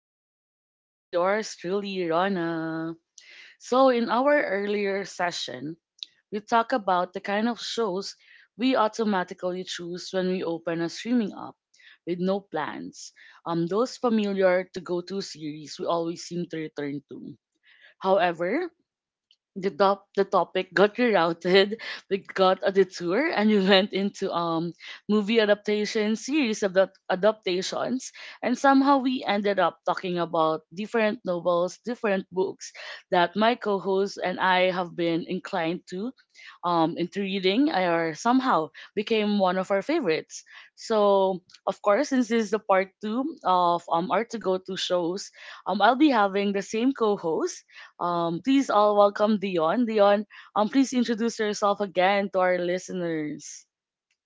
everyone. This is yours truly, Rana. So, in our earlier session, we talked about the kind of shows we automatically choose when we open a streaming app with no plans. Those familiar to go to series we always seem to return to. However, the topic got rerouted. We got a detour, and we went into movie adaptation series of the adaptations, and somehow we ended up talking about different novels, different books that my co-host and I have been inclined to, into reading, or somehow became one of our favorites. So of course, since this is the part two of our to go to shows, I'll be having the same co-host. Um, please all welcome Dion. Dion, please introduce yourself again to our listeners.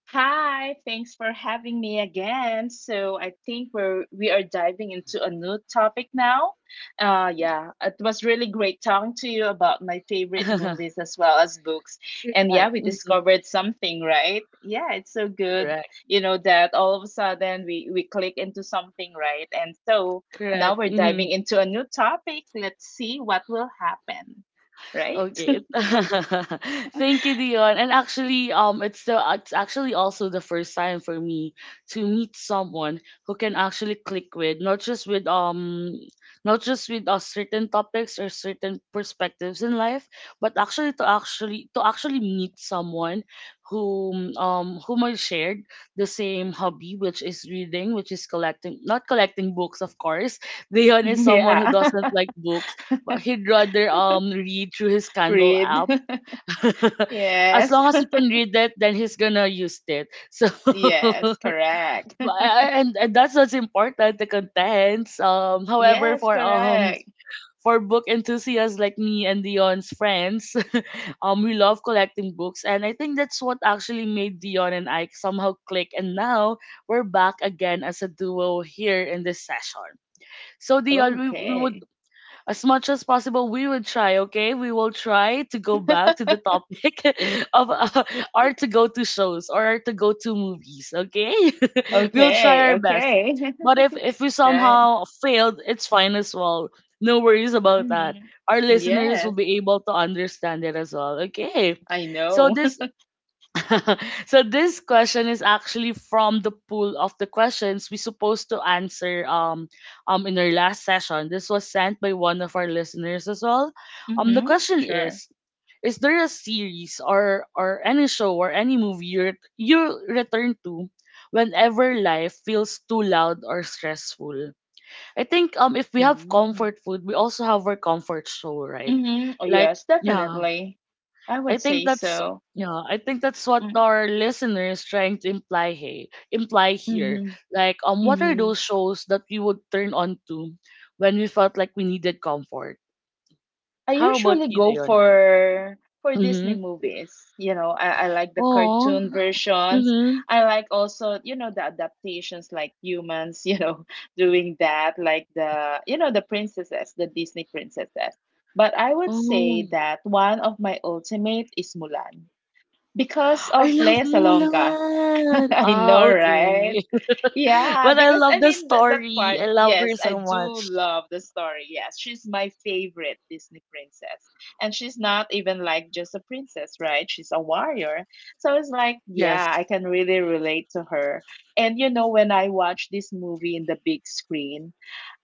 Hi, thanks for having me again. So I think we are diving into a new topic now. Yeah, it was really great talking to you about my favorite movies as well as books. And yeah, we mhm, discovered something, right? Yeah, it's so good, correct, you know, that all of a sudden we click into something, right? And so now correct. we're Mm-hmm. diving into a new topic. Let's see what will happen, right? Okay. Thank you, Dion. And actually, it's actually also the first time for me to meet someone who can actually click with, not just with certain topics or certain perspectives in life, but actually to actually meet someone whom I shared the same hobby, which is reading, which is collecting, not collecting books, of course. Dion is someone who Yeah. doesn't like books, but he'd rather read through his Kindle Read. app. As Yes. long as he can read it, then he's gonna use it. So, Yes, correct. and that's what's important, the contents. However, Yes, for um correct. for book enthusiasts like me and Dion's friends, we love collecting books, and I think that's what actually made Dion and I somehow click. And now we're back again as a duo here in this session. So Dion, we would, Okay. as much as possible we will try, okay, we will try to go back to the topic of our to go to shows, or our to go to movies, okay. We'll Okay, try our best, okay. but if we Right. somehow failed, it's fine as well, no worries about that. Mm-hmm. Our listeners will Yes, be able to understand it as well, okay. I So know. this, so this question is actually from the pool of the questions we supposed to answer in our last session. This was sent by one of our listeners as well. The Mm-hmm. question Sure. is there a series or any show or any movie you return to whenever life feels too loud or stressful? I think if we have Mm-hmm. comfort food, we also have our comfort show, right? Mm-hmm. Oh, Like, yes, yeah. definitely. I I would think say that's, so. I think that's what our listener is trying to imply here. Mm-hmm. Like, what are Mm-hmm. those shows that we would turn on to when we felt like we needed comfort? I How about usually you, go Dion? for Disney Mm-hmm. movies. I like the Oh. cartoon versions. Mm-hmm. I like also, the adaptations like humans, doing that, like the princesses, the Disney princesses. But I would say Oh. that one of my ultimate is Mulan. Because I of love Lea Salonga. Mulan. I Ah, know, right? okay. Yeah, But I because love I the mean that story. part, I love her yes, I so do much. love the story. Yes, she's my favorite Disney princess. And she's not even like just a princess, right? She's a warrior. So it's like, yeah, I Yes. can really relate to her. And when I watched this movie in the big screen,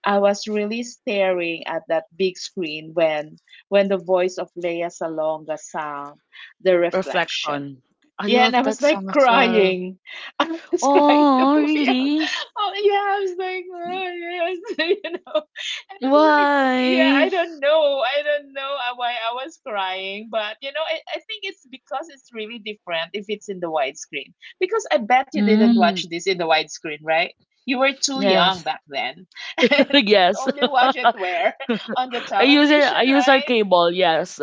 I was really staring at that big screen when the voice of Lea Salonga sang The Reflection. Reflection. I Yeah, and love I that was like song as well. crying. I was crying the Oh, movie. I was, really? oh yeah, I was like, oh yes, And I was like, yeah, I Why? don't know, I don't know why I was crying, but I think it's because it's really different if it's in the widescreen. Because I bet you didn't Mm, watch this in the widescreen, right? You were too young yes. back then, and Yes. only watch it where on the I use it television, I use our right? cable, yes.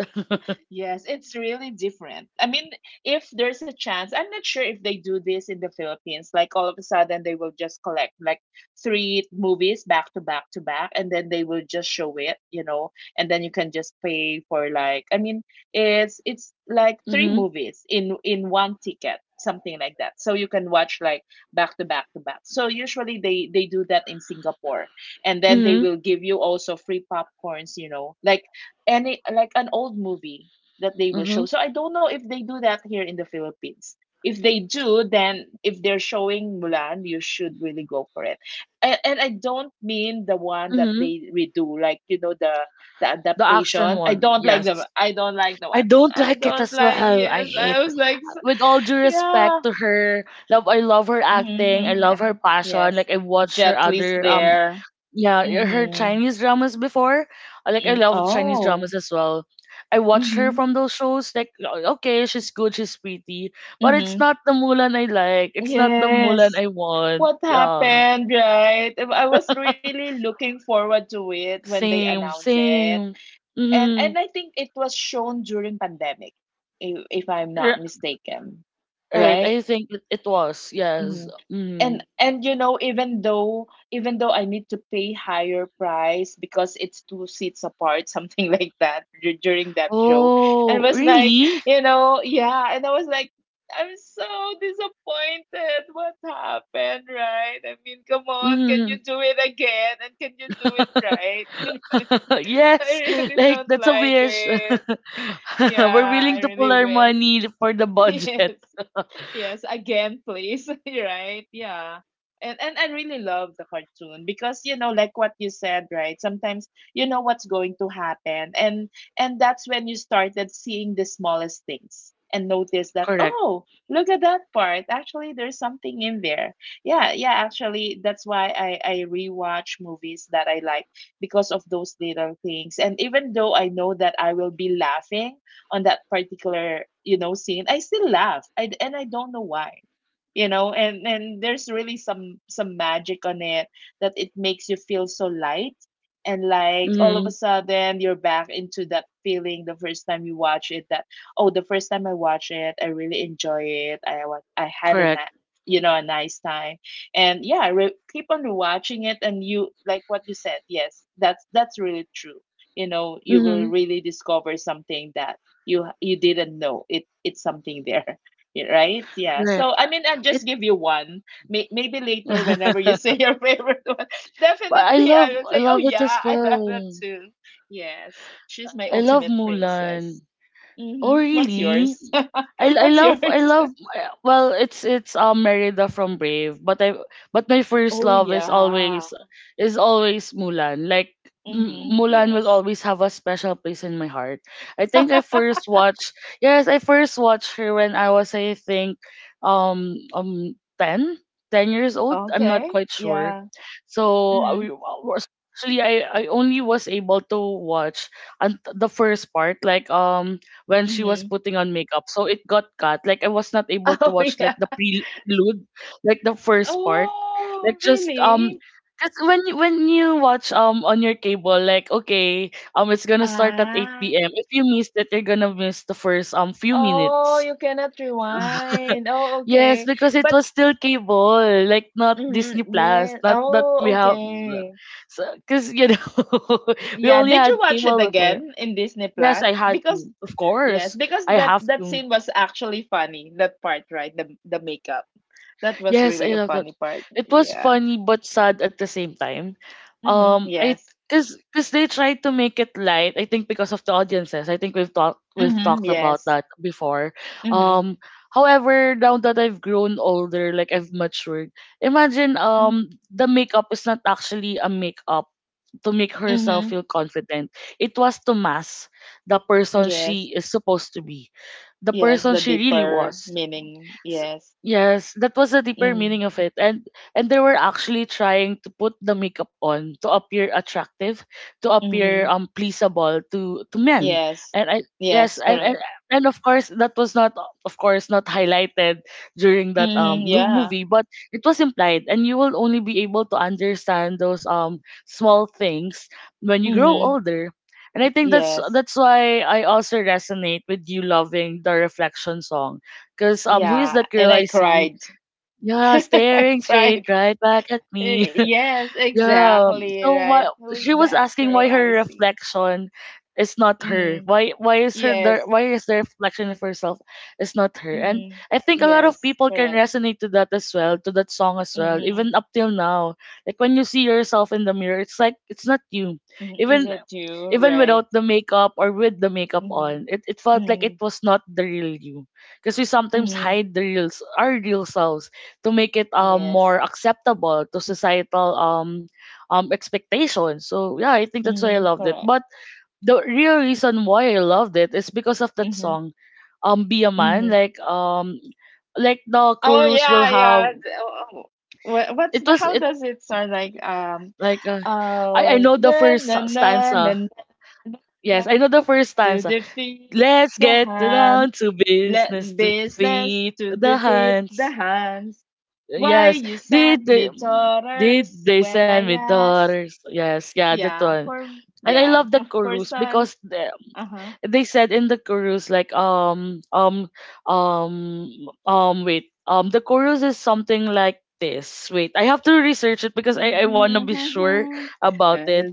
Yes, it's really different. I mean, if there's a chance, I'm not sure if they do this in the Philippines. Like all of a sudden, they will just collect like three movies back to back to back, and then they will just show it, and then you can just pay for like, I mean, it's like three Mhm. movies in one ticket, something like that. So you can watch like back to back to back. So usually they do that in Singapore, and then they Mhm. will give you also free popcorns, like any like an old movie that they will Mhm. show. So I don't know if they do that here in the Philippines. If they do, then if they're showing Mulan, you should really go for it. And I don't mean the one that Mhm. they redo, like the The action adaptation. One. Yes. I don't like the I one. don't I like it don't as like. well. I Yes, hate, I was like, with all due yeah, respect to her. Love, I love her mm-hmm. acting. I Mm-hmm, love yeah. her passion. Yes. Like, I watched her Jet Li's other there. yeah, I heard Mm-hmm. Chinese dramas before. Like, I Mm, love Chinese oh. dramas as well. I watched her Mm-hmm. from those shows. Like, okay, she's good, she's pretty, but Mm-hmm. it's not the Mulan I like. It's not the Mulan Yes. I want. What Yeah, happened, right? I was really looking forward to it when they same, announced it. same. And Mm-hmm. I think it was shown during pandemic, if I'm not mistaken, Right, right? I think it was Mm-hmm. yes. and Mm. and you know even though even though I need to pay higher price because it's two seats apart, something like that during that show, and Oh, was like, really? Yeah. And I was like, I'm so disappointed. What happened, right? I mean, come on, can you Mm. do it again, and can you do it right? I Yes, really like don't that's a like wish. it. We're Yeah, I willing to pull really our will. money for the Yes. budget. Yes, again, please. Right? Yeah. And I really love the cartoon, because like what you said, right? Sometimes you know what's going to happen, and that's when you started seeing the smallest things and notice that, Correct. oh, look at that part, actually there's something in there. Yeah, yeah, actually that's why I rewatch movies that I like, because of those little things. And even though I know that I will be laughing on that particular scene, I still laugh, and I don't know why. And there's really some magic on it, that it makes you feel so light, and like all of a Mhm. sudden you're back into that feeling the first time you watch it. That, oh, the first time I watch it, I really enjoy it. I I had a Correct. a nice time. And yeah, keep on watching it. And you, like what you said, yes, that's really true. You know, you will Mhm. really discover something that you didn't know it, it's something there. Yeah, right. Yeah, so Correct. I mean, I'll just It, give you one. Maybe later, whenever you say your favorite one, but I definitely I love, will I say, oh love it yeah, as I love that well. too. Yes, she's my I love ultimate princess. Mulan. Oh Mm-hmm. What's really? yours? I, I What's love I yours? love well, it's Merida from Brave, but my first Oh love is yeah. always is always Mulan. Like, Mm-hmm. Mulan will Yes. always have a special place in my heart. I think I first watched, yes, I first watched her when I was, I think, 10 10 years old, I'm not Okay, quite sure. yeah. So, Mm-hmm. Actually I only was able to watch, and the first part, like when she was Mm-hmm. putting on makeup. So it got cut. Like, I was not able to Oh watch yeah. like the prelude, like the first part. Like, Oh, just really? cause when you watch on your cable, like okay, it's gonna start at Ah. eight PM. If you missed it, you're gonna miss the first few Oh, minutes. you cannot rewind. Oh, Yes, okay. because it But was still cable, like, not mhm, Disney Plus, yeah. not that we Oh, have, okay. so because we Yeah. only Did you had watch it cable before. again in Disney Yes, Plus? I had Because to. Of yes, course, because I that have that to. scene was actually funny. That part, right? The makeup. That was Yes, really I a love that. funny part. It was Yeah. funny but sad at the same time. Mm-hmm. I Yes. cause, cause they tried to make it light. I think because of the audiences. I think we've Mm-hmm. talked about Yes. that before. Mm-hmm. Um, However, now that I've grown older, like I've matured, imagine Mm-hmm. The makeup is not actually a makeup to make herself Mm-hmm. feel confident. It was to mask the person Yes. she is supposed to be, the Yes. person The she really deeper was. meaning. S Yes. Yes, that was the deeper Mm-hmm. meaning of it. And they were actually trying to put the makeup on to appear attractive, to appear Mm-hmm. Pleasable to men. Yes. And I Yes, Yes. and and, Correct. and of course that was not, of course not, highlighted during that Mm-hmm. new Yeah. movie, but it was implied and you will only be able to understand those small things when you grow Mhm. older. And I think that's Yes. that's why I also resonate with you loving the reflection song because, who is Yeah. that And girl I I see? cried. Yeah, I staring straight cried. right back at me. Eh, yes, Yeah. um, exactly. So why Right. Who is she was that asking girl why I her see? reflection is not her. Mm-hmm. Why, Yes. why is the reflection of herself is not her? And Mm-hmm. I think a lot of Yes. people can Correct. resonate to that as well, to that song as well, even Mm-hmm. up till now. Like, when you see yourself in the mirror, it's like it's not you. Mm-hmm. Is Even, it you? even Right. without the makeup or with the makeup Mm-hmm. on, it felt like it Mm-hmm. was not the real you. Because we sometimes Mm-hmm. hide the real our real selves to make it Yes. more acceptable to societal expectations. So yeah, I think that's why I Mm-hmm. loved it. Correct. But the real reason why I loved it is because of that Mm-hmm. song, "Be a Man." Mm-hmm. Like, like the Oh chorus will yeah, have, yeah. What's it the, was how it does it start, like like I oh know the na first na na na na stanza. na, na, Yes, I know the first to stanza. defeat Let's the get hand, down to let business to business feed to the defeat the hands. hands, why Yes. you Did sent they me did daughters they when send I me asked, daughters? Yes, yeah, that yeah one. for And I yeah, love the for chorus sons. because the, Uh-huh. they said in the chorus like, um wait, the chorus is something like this. Wait, I have to research it because I want to be sure about it.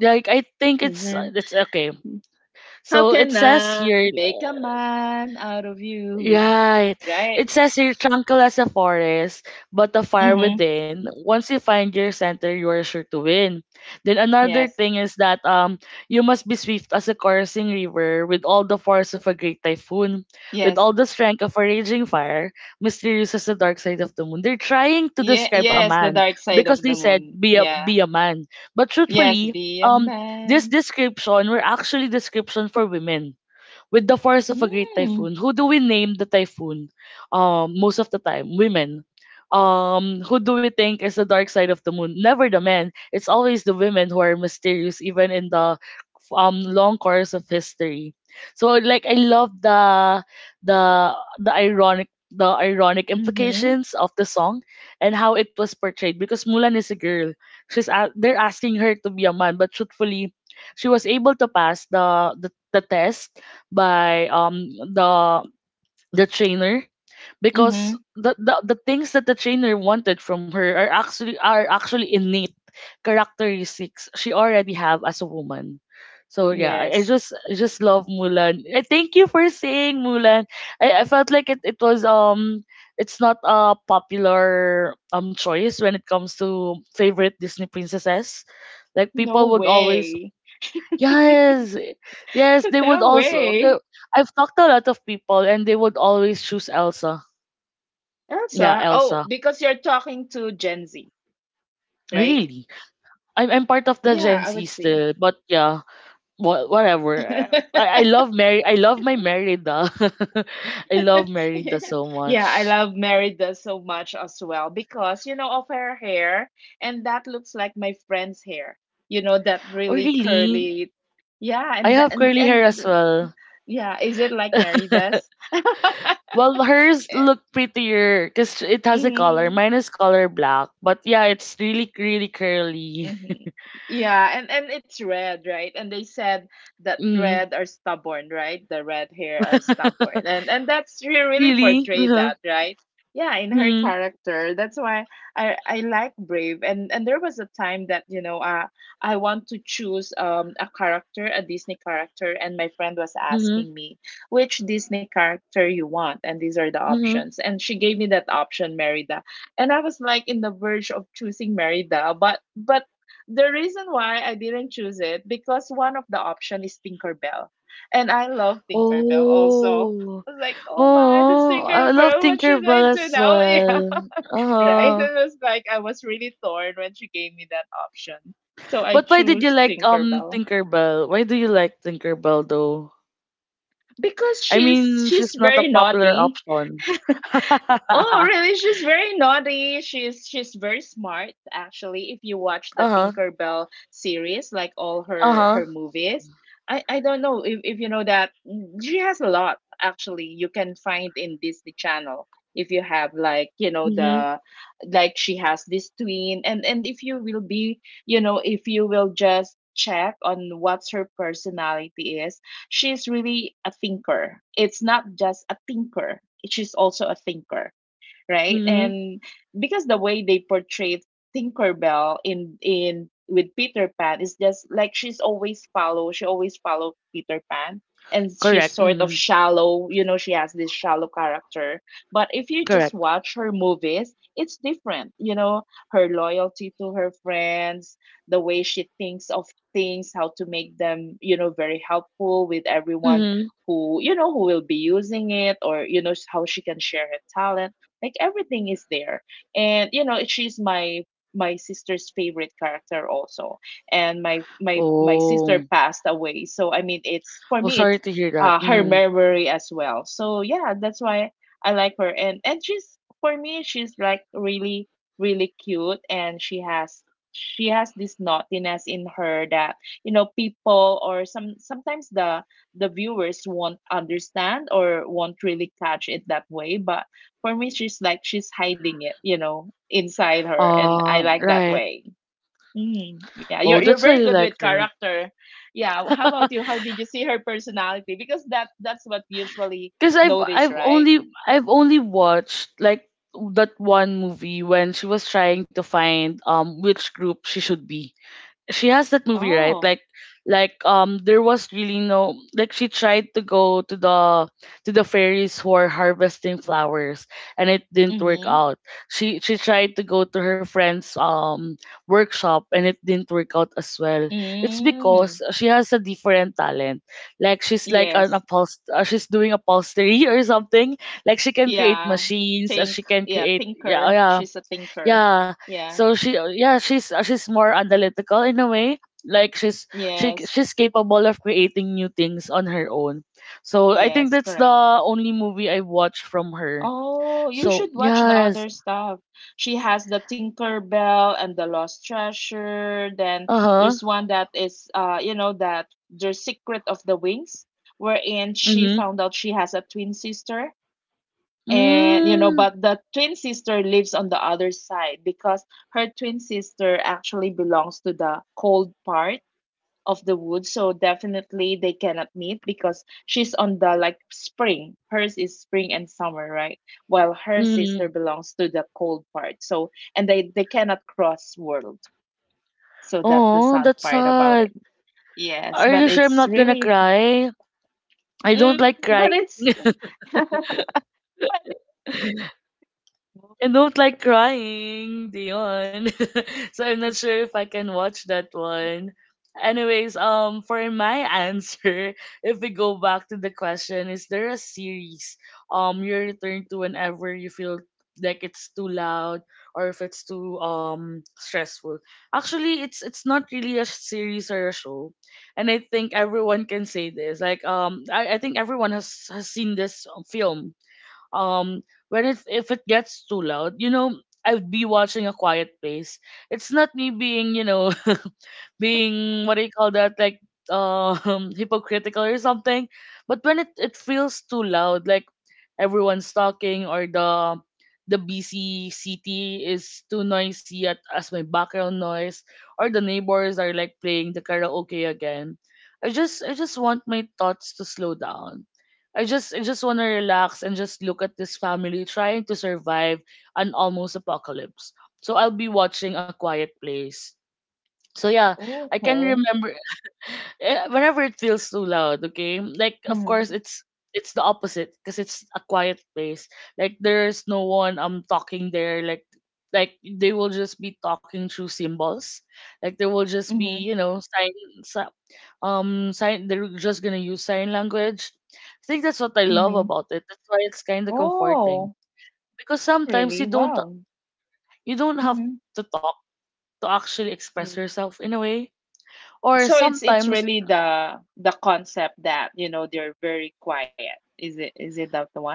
Like, I think it's okay. How So it can says I here. make a man out of you? Right. Right? It says here, tranquil as a forest, but a fire Mm-hmm. within. Once you find your center, you are sure to win. Then another Yes. thing is that you must be swift as a coursing river with all the force of a great typhoon, with Yes. all the strength of a raging fire, mysterious as the dark side of the moon. They're trying to Yeah, describe a yes, the man dark side because of they the said, moon. Yeah. be a man. But Yes, truthfully, be a this man. description were actually description for women, with the force of a great Mm. typhoon. Who do we name the typhoon? Most of the time, women. Who do we think is the dark side of the moon? Never the men. It's always the women who are mysterious, even in the long course of history. So like, I love the the ironic Mm-hmm. implications of the song and how it was portrayed, because Mulan is a girl. They're asking her to be a man, but truthfully, she was able to pass the test by the trainer, because Mm-hmm. The things that the trainer wanted from her are actually innate characteristics she already have as a woman. So yeah, Yes. I just love Mulan. I thank you for saying Mulan. I felt like it was it's not a popular choice when it comes to favorite Disney princesses. Like, No people would always, way. yes, yes, they would No also they, way. I've talked to a lot of people and they would always choose Elsa. Yeah, Elsa. Oh, Elsa. because you're talking to Gen Z, right? Really. I'm part of the Yeah, Gen I Z would say. still, but yeah. Whatever. I love Mary. I love my Merida. I love Merida so Yeah, I much. love Mary so much as well because, you know, of her hair, and that looks like my friend's hair. You know, that Oh really really? curly. Yeah, I and the, have and curly hair and as the- well. yeah, is it like Mary does? Well, hers look prettier because it has a color. Mhm. Mine is color black, but yeah, it's really really curly. Mhm. Yeah, and it's red, right? And they said that Mm. red are stubborn, right? The red hair are stubborn, and that's, she really Really? portrayed Uh-huh. that, right? Yeah, in her Mhm. character. That's why I like Brave, and there was a time that you know I want to choose a character, a Disney character, and my friend was Mhm. asking me which Disney character you want, and these are the Mhm. options, and she gave me that option, Merida, and I was like in the verge of choosing Merida, but the reason why I didn't choose it, because one of the option is Tinkerbell. And I love Tinkerbell also. Oh. I was like, oh my, this Oh. I love Tinkerbell, what should I Tinkerbell do as now? Yeah. well. Uh Right? huh. It was like I was really torn when she gave me that option. So I But why did you choose like Tinkerbell. Tinkerbell? Why do you like Tinkerbell though? Because I she's mean, she's she's not a very popular naughty. option. uh Oh, really? She's very naughty. She's very smart actually. If you watch the huh. Tinkerbell series, like all Uh her huh. movies, I don't know if you know that she has a lot actually. You can find in Disney Channel if you have like you know Mhm. the like she has this twin. And if you will be, you know, if you will just check on what's her personality is, she's really a thinker. It's not just a thinker, she's also a thinker, right? Mhm. And because the way they portrayed Tinkerbell in with Peter Pan, is just like she always follow Peter Pan, and she's Correct. sort of Mhm. shallow, you know, she has this shallow character. But if you just Correct. watch her movies, it's different, you know, her loyalty to her friends, the way she thinks of things, how to make them, you know, very helpful with everyone Mhm. who, you know, who will be using it, or you know how she can share her talent, like everything is there. And you know, she's my sister's favorite character also. And my sister Oh. passed away. So I mean, it's, for Oh, me it's sorry to hear that. her Mhm. memory as well. So yeah, that's why I like her. And she's for me she's like really cute and she has this naughtiness in her that you know people or sometimes the viewers won't understand or won't really catch it that way, but for me she's like she's hiding it, inside her, and I like that Right. way. Mm, yeah, Oh, you're that's why very you good like with her. character. Yeah, how about you? How did you see her personality? Because that's what we usually Cause I've I've notice, only right? I've only watched like that one movie when she was trying to find which group she should be. She has that movie, right? Like Oh. like there was really no, like, she tried to go to the fairies who are harvesting flowers, and it didn't work Mhm. out. She tried to go to her friend's workshop, and it didn't work out as well. It's because Mm. she has a different talent. Like she's like an Yes. She's doing upholstery or something. Like she can create Yeah. machines, she Think. can Yeah, create, yeah, thinker. yeah, She's a thinker. yeah. Yeah. So she, yeah, she's she's more analytical in a way. Like she Yes. she's capable of creating new things on her own, so I think Yes, that's the correct. only movie I watched from her. Oh, you So should watch the yes. other stuff. She has the Tinker Bell and the Lost Treasure. Then Uh-huh. there's one that is you know, that the Secret of the Wings, wherein she Mm-hmm. found out she has a twin sister. And you know, Mm. but the twin sister lives on the other side, because her twin sister actually belongs to the cold part of the woods, so definitely they cannot meet because she's on the like spring, hers is spring and summer, right? While her sister Mm. belongs to the cold part. So and they cannot cross world, so that's the Oh, sad that's part about it. sad. Yes, Are but you sure I'm it's not gonna really cry? I mm, don't like but crying. it's okay. I don't like crying, Dion. So I'm not sure if I can watch that one. Anyways, for my answer, if we go back to the question, is there a series you return to whenever you feel like it's too loud or if it's too stressful? Actually, it's not really a series or a show, and I think everyone can say this. Like I think everyone has seen this film um when it's, if it gets too loud, you know, I'd be watching A Quiet Place. It's not me being, you know, being, what do you call that, like, hypocritical or something. But when it feels too loud, like everyone's talking, or the busy city is too noisy as my background noise, or the neighbors are like playing the karaoke again, I just want my thoughts to slow down. I just want to relax and just look at this family trying to survive an almost apocalypse. So I'll be watching A Quiet Place. So yeah, I can remember, whenever it feels too loud, okay? Like, of course, Mm-hmm. it's the opposite because it's a quiet place. Like there's no one talking there, like they will just be talking through symbols. Like they will just be, Mm-hmm. you know, si- sign, they're just gonna use sign language. I think that's what I love Mm-hmm. about it. That's why it's kind of comforting, Oh. because Oh sometimes you really, don't, wow. you don't have Mm-hmm. to talk to actually express Mm-hmm. yourself in a way. Or So it's sometimes, really the concept that, you know, they're very quiet, is it, is it that the one,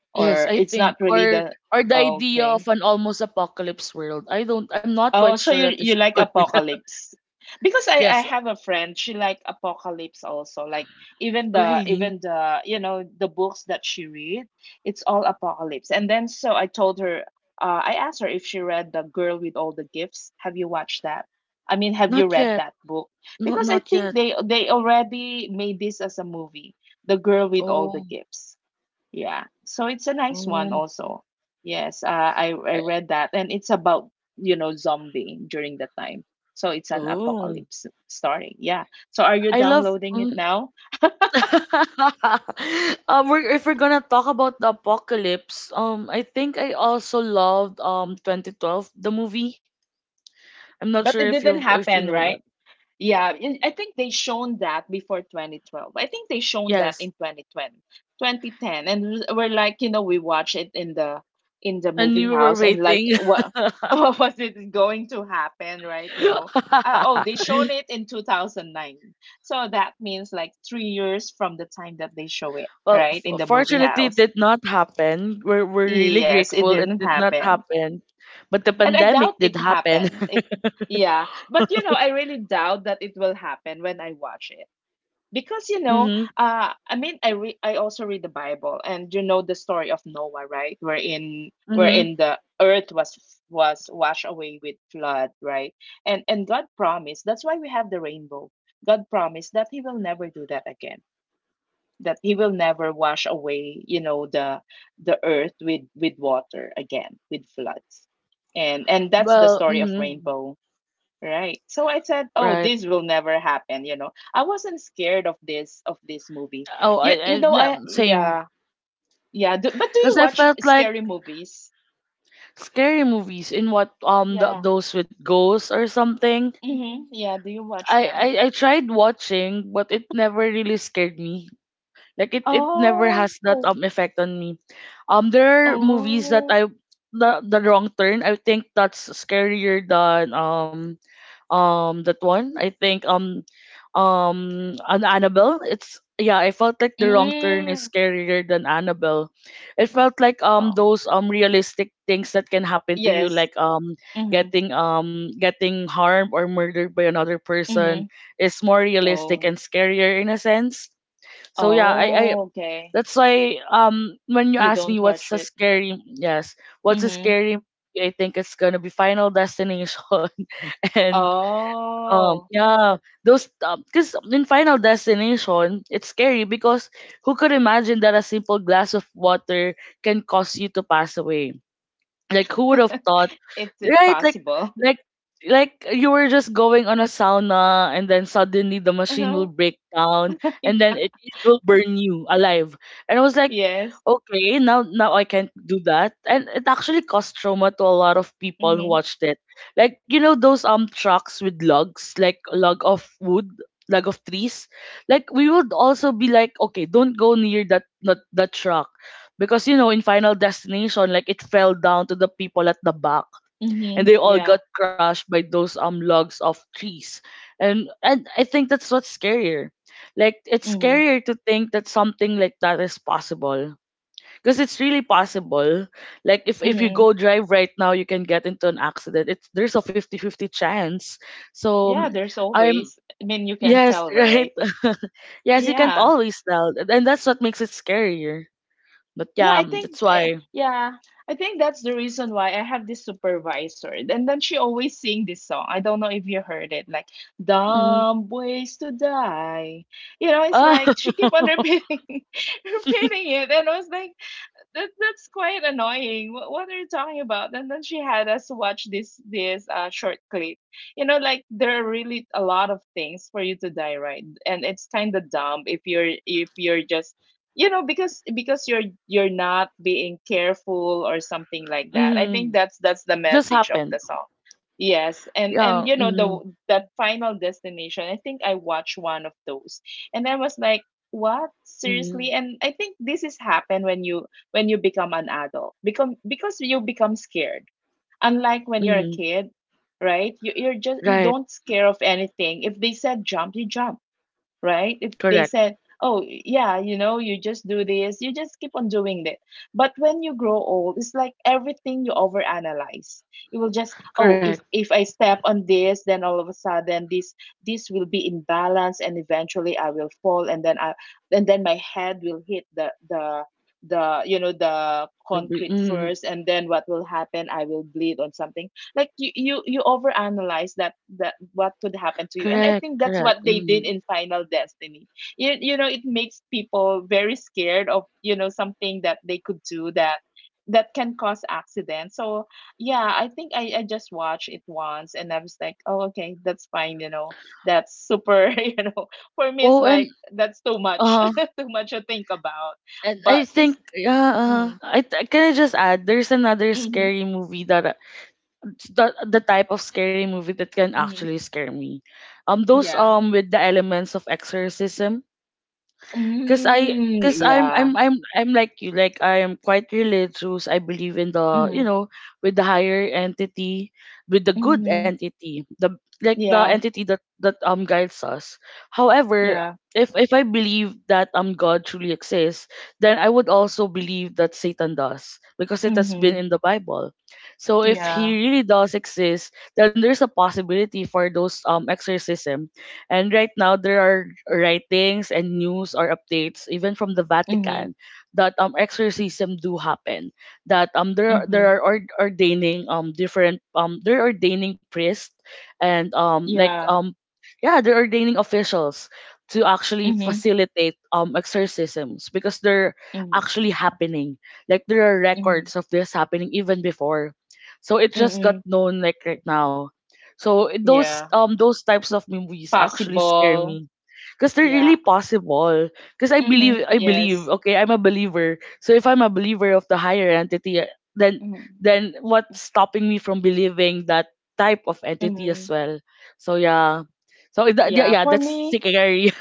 or yes, I it's not think, really the or the Oh, idea okay. of an almost apocalypse world, I don't, I'm not quite Oh, so sure you at this you like point. apocalypse. Because I Yes. have a friend, she like apocalypse also. Like even the, Really. even the, you know, the books that she read, it's all apocalypse. And then so I told her, I asked her if she read The Girl with All the Gifts. Have you watched that? I mean, have you Not read yet. that book? not Because I not think yet. they already made this as a movie, The Girl with All the Oh. Gifts. Yeah. So it's a nice one Oh. also. Yes, I I- read that, and it's about, you know, zombieing during that time. So it's an oh, apocalypse story. Yeah. So are you I love downloading it now? If we're gonna talk about the apocalypse, I think I also loved 2012, the movie. I'm not sure But it if didn't you happen, know that. right? Yeah, and I think they shown that before 2012. I think they shown that Yes, in 2020, 2010, and we're like, you know, we watch it in the and movie you were house, and like, waiting. what what was it going to happen, right? You know, oh, they shown it in 2009, so that means like 3 years from the time that they show it, Well, right, in the movie fortunately, it house. did not happen. We're really Yes, it grateful it didn't did not happen. happen, but the And I pandemic doubt did it happen. happened. It yeah, but you know, I really doubt that it will happen when I watch it. Because you know, Mhm. I mean I also read the Bible and you know the story of Noah, right? Wherein Mhm. wherein the earth was washed away with flood, right? And God promised, that's why we have the rainbow. God promised that he will never do that again, that he will never wash away, you know, the earth with water again, with floods. And that's the Well. story of Mhm. rainbow, right? So I said, oh, Right. this will never happen, you know. I wasn't scared of this, of this movie. Oh, I, You I know, no, I same. yeah. Yeah do, but do you Because I watch felt like, scary movies? scary movies in what, Yeah. those with ghosts or something. Mm-hmm. Yeah, do you watch I, them? I I tried watching, but it never really scared me. Like it never Oh. has that effect on me. There are movies that Oh. I, the wrong turn. I think that's scarier than that one. I think an Annabelle. It's Yeah, I felt like the wrong turn is Mm. scarier than Annabelle. It felt like Oh. those realistic things that can happen to you, Yes. like Mm-hmm. Getting harmed or murdered by another person Mm-hmm. is more realistic Oh. and scarier in a sense. So yeah, I Oh, okay. that's why, when you You ask me don't what's watch a it. scary, yes, what's a Mhm. scary movie, I think it's gonna be Final Destination. And Oh. yeah, those, because in Final Destination, it's scary because who could imagine that a simple glass of water can cause you to pass away? Like, who would have thought, it's right? Like, possible. like like you were just going on a sauna, and then suddenly the machine Uh-huh. will break down, and then Yeah. It will burn you alive. And I was like, Yes. okay, now Oh, I can't do that. And it actually caused trauma to a lot of people who mhm. watched it. Like, you know, those trucks with logs, like log of wood, log of trees. Like we would also be like, okay, don't go near that truck, because you know, in Final Destination, like it fell down to the people at the back, and they Mhm. all got Yeah. crushed by those logs of trees. And I think that's what's scarier. Like, it's Mhm. scarier to think that something like that is possible. Because it's really possible. Like, if you Mhm. go drive right now, you can get into an accident. It's, there's a 50 50 chance. So Yeah, there's I'm always, I mean, you can yes, tell, right. right? Yes, you can't Yeah. always tell. And that's what makes it scarier. But Yeah, yeah, I think that's I, why. yeah, I think that's the reason why I have this supervisor. And then she always sing this song. I don't know if you heard it, like Mm-hmm. "Dumb Ways to Die." You know, it's Ah, like she keep on repeating, repeating it, and I was like, that's quite annoying. What are you talking about? And then she had us watch this, this short clip. You know, like there are really a lot of things for you to die, right? And it's kind of dumb if you're, if you're just, you know, because you're not being careful or something like that. I think mhm. That's the Just message of happened. the song. Yes, Yeah. and you know Mm-hmm. the that final destination. I think I watched one of those, and I was like, "What Mm-hmm. seriously?" And I think this is happen when you, when you become an adult, become because you become scared, unlike when you're a Mm-hmm. kid, right? You, you're just, you Right. don't scare of anything. If they said jump, you jump, right? If they Correct. said, oh, yeah, you know, you just do this, you just keep on doing it. But when you grow old, it's like everything you overanalyze. You will just, oh, Correct. if I step on this, then all of a sudden this, this will be in balance and eventually I will fall, and then I, and then my head will hit the you know the concrete Mm, first, and then what will happen, I will bleed on something. Like you overanalyze that, that what could happen to you, and I correct. think that's Correct. what they did Mm-hmm. in final destiny. You know, it makes people very scared of, you know, something that they could do, that that can cause accidents. So yeah, I think I just watched it once, and I was like, oh, okay, that's fine, you know, that's super, you know, for me it's Oh, like that's too much, uh, too much to think about. and But I think it's yeah. Mm-hmm, Can I just add? There's another mm-hmm, scary movie that, it's the type of scary movie that can mm-hmm, actually scare me. Those yeah, with the elements of exorcism. Cause I, mm, cause I'm, yeah, I'm, I'm, I'm like you. Like, I am quite religious. I believe in the, you mm-hmm. know, with the higher entity, with the good Mhm. entity, the like the Yeah, entity that that guides us. However, yeah. if I believe that God truly exists, then I would also believe that Satan does because it has been Mhm. in the Bible. So if he Yeah. really does exist, then there's a possibility for those exorcism. And right now, there are writings and news or updates, even from the Mhm. Vatican, that exorcism do happen. That there are- Mhm. Ordaining different they're ordaining priests and like Yeah. Yeah, they're ordaining officials to actually Mhm. facilitate exorcisms, because they're Mhm. actually happening. Like, there are Mhm. records of this happening even before. So it just got Mm-mm. known like right now. So it- Yeah. Those types of movies actually scare Possible. me. Because they're really Yeah. possible. Because I believe, Mhm. Yes. okay, I'm a believer. So if I'm a believer of the higher entity, then Mhm. then what's stopping me from believing that type of entity as Mhm. well? So yeah. So it- yeah, Yeah. yeah, For that's me, scary.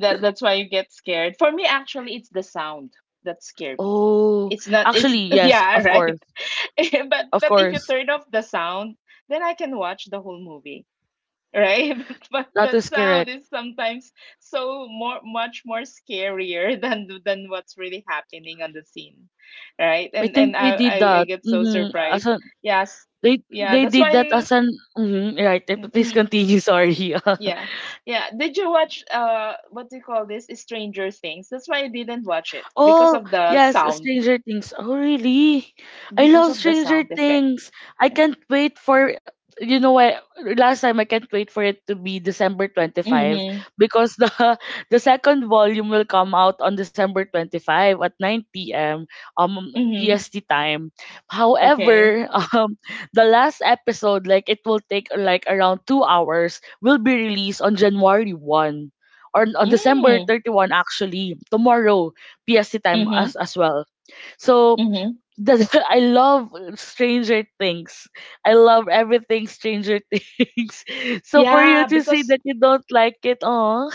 that that's why you get scared. For me, actually, it's the sound that scare me. Oh, It's not. It's actually, yes, yeah. of Right. course. Of but if you course. turn off the sound, then I can watch the whole movie. Right? But That the is sound correct. is sometimes so more much more scarier than what's really happening on the scene, right? I And think they did I that. get so surprised. Mm-hmm. Yes, yeah, They that's did that why. as an, mhm, right. Please Mhm. continue. Sorry. Yeah, yeah. Did you watch what do you call this? Stranger Things. That's why I didn't watch it, because Oh, of the yes, sound, Stranger Things. Oh, really? I because love of the Stranger sound effect. Things. I can't wait for, you know what, last time I can't wait for it to be December 25, Mm-hmm. because the the second volume will come out on December 25 at 9 p.m. Mm-hmm. PST time. Okay. However, the last episode, like it will take like around 2 hours, will be released on January 1, or on December Mm. 31 actually, tomorrow, PST time Mm-hmm. As well. So Mm-hmm. that's I love Stranger Things. I love everything Stranger Things. So for you Yeah, to say that you don't like it, oh,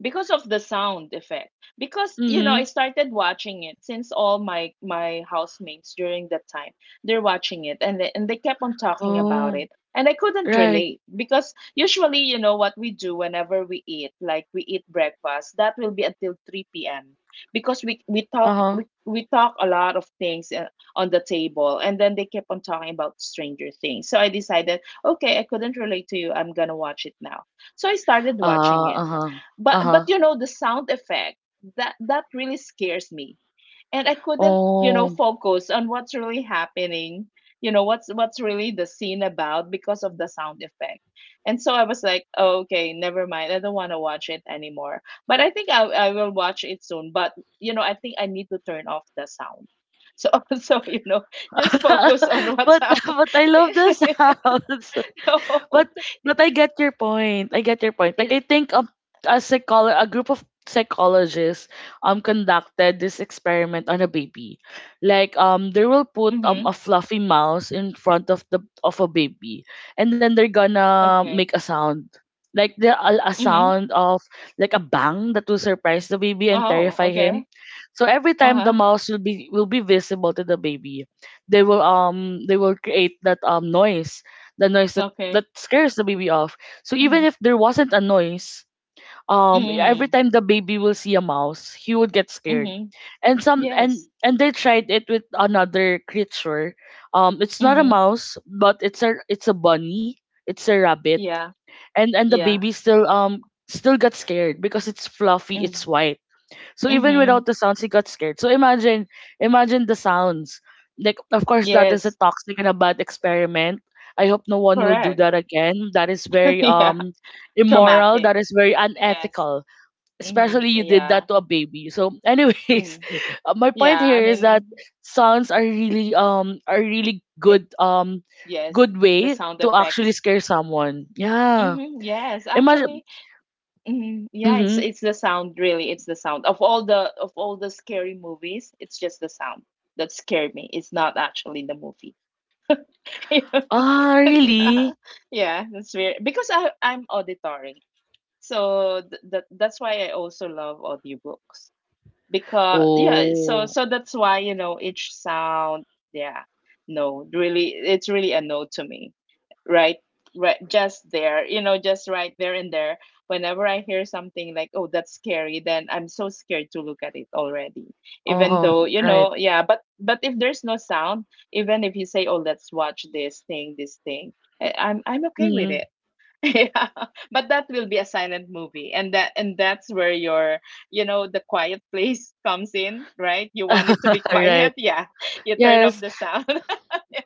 because of the sound effect, because you know I mm-hmm. started watching it since all my my housemates during that time, they're watching it, and and they kept on talking about Oh, it, and I couldn't right, relate, because usually you know what we do whenever we eat, like we eat breakfast that will be until 3 p.m, because we uh talk, huh, we talk a lot of things on the table, and then they kept on talking about Stranger Things, so I decided, okay, I couldn't relate to you, I'm gonna watch it now. So I started watching it, uh huh, uh but huh. you know the sound effect, that that really scares me, and I couldn't, you know, Oh, focus on what's really happening, you know, what's really the scene about, because of the sound effect. And so I was like, oh, okay, never mind, I don't want to watch it anymore. But I think I will watch it soon, but you know I think I need to turn off the sound, so so you know, just focus on what's but up. I love the sound. But no, I get your point. I get your point. Like, I it think a group of psychologists conducted this experiment on a baby. Like they will mm-hmm, put a fluffy mouse in front of the of a baby, and then they're okay, gonna make a sound. Like a mm-hmm, sound of like a bang that will surprise the baby and oh terrify okay, him. So every time uh-huh. the mouse will be, will be visible to the baby, they will create that noise, the noise that Okay. scares the baby off. So even Mhm. if there wasn't a noise, every Mm. time the baby will see a mouse, he would get scared. Mhm. And some Yes. and they tried it with another creature. It's not a Mhm. mouse, but it's a bunny. It's a rabbit, Yeah. and the Yeah. baby still still got scared because it's fluffy, it's Mm. white, so even Mhm. without the sounds, he got scared. So imagine, imagine the sounds. Like, of course, that is a Yes. toxic and a bad experiment. I hope no one will do Correct. that again. That is very Yeah. Immoral. Traumatic. That is very Yes. unethical. Mhm. Especially you did Yeah. that to a baby. So, anyways, Mhm. My Yeah. point I here is that mean, sounds are really it, good yes, good the way sound to actually effects. scare someone. Yeah. Mhm. Yes, Imagine. actually. Mhm. Yeah, Mm-hmm. it's the sound, really. It's the sound of all the, of all the scary movies. It's just the sound that scared me. It's not actually the movie. Ah, Yeah. really? Yeah, that's weird. Because I'm auditory. So th that that's why I also love audiobooks, because yeah, so Oh. so that's why, you know, each sound, yeah, no really, it's really a no to me, right, right, just there, you know, just right there and there, whenever I hear something like, oh, that's scary, then I'm so scared to look at it already, even though, Oh, you right. know, yeah. But if there's no sound, even if you say, oh, let's watch this thing, this thing, I, I'm okay with Mhm. it. Yeah, but that will be a silent movie, and that, and that's where your, you know, the quiet place comes in, right? You want it to be Right. quiet, yeah. You turn off Yes, the sound.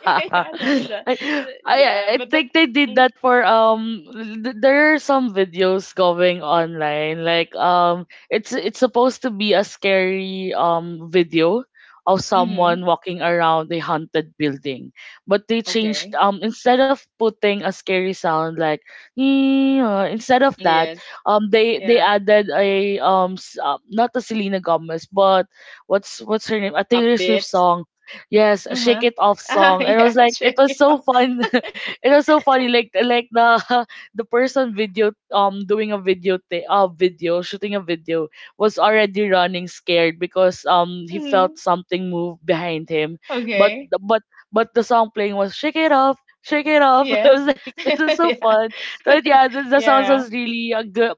yeah, that's I the yeah, but the think they did mm, that for there are some videos going online, like it's supposed to be a scary video of mm-hmm, someone walking around a haunted building, but they changed okay, instead of putting a scary sound like, "Eh," instead of that yes, they yeah, added a not a Selena Gomez but what's her name, a a Taylor bit, Swift song. Yes, a Shake uh-huh, It Off ah, song. And I was yeah, like, sure, it was yeah. so fun. It was so funny. Like the the person video doing a video, shooting a video, was already running scared because he Hmm, felt something move behind him. But okay, but but the song playing was Shake It Off. Shake it off! I was yes, like, this is so yeah, fun. So yeah, the sounds yeah, was really a good,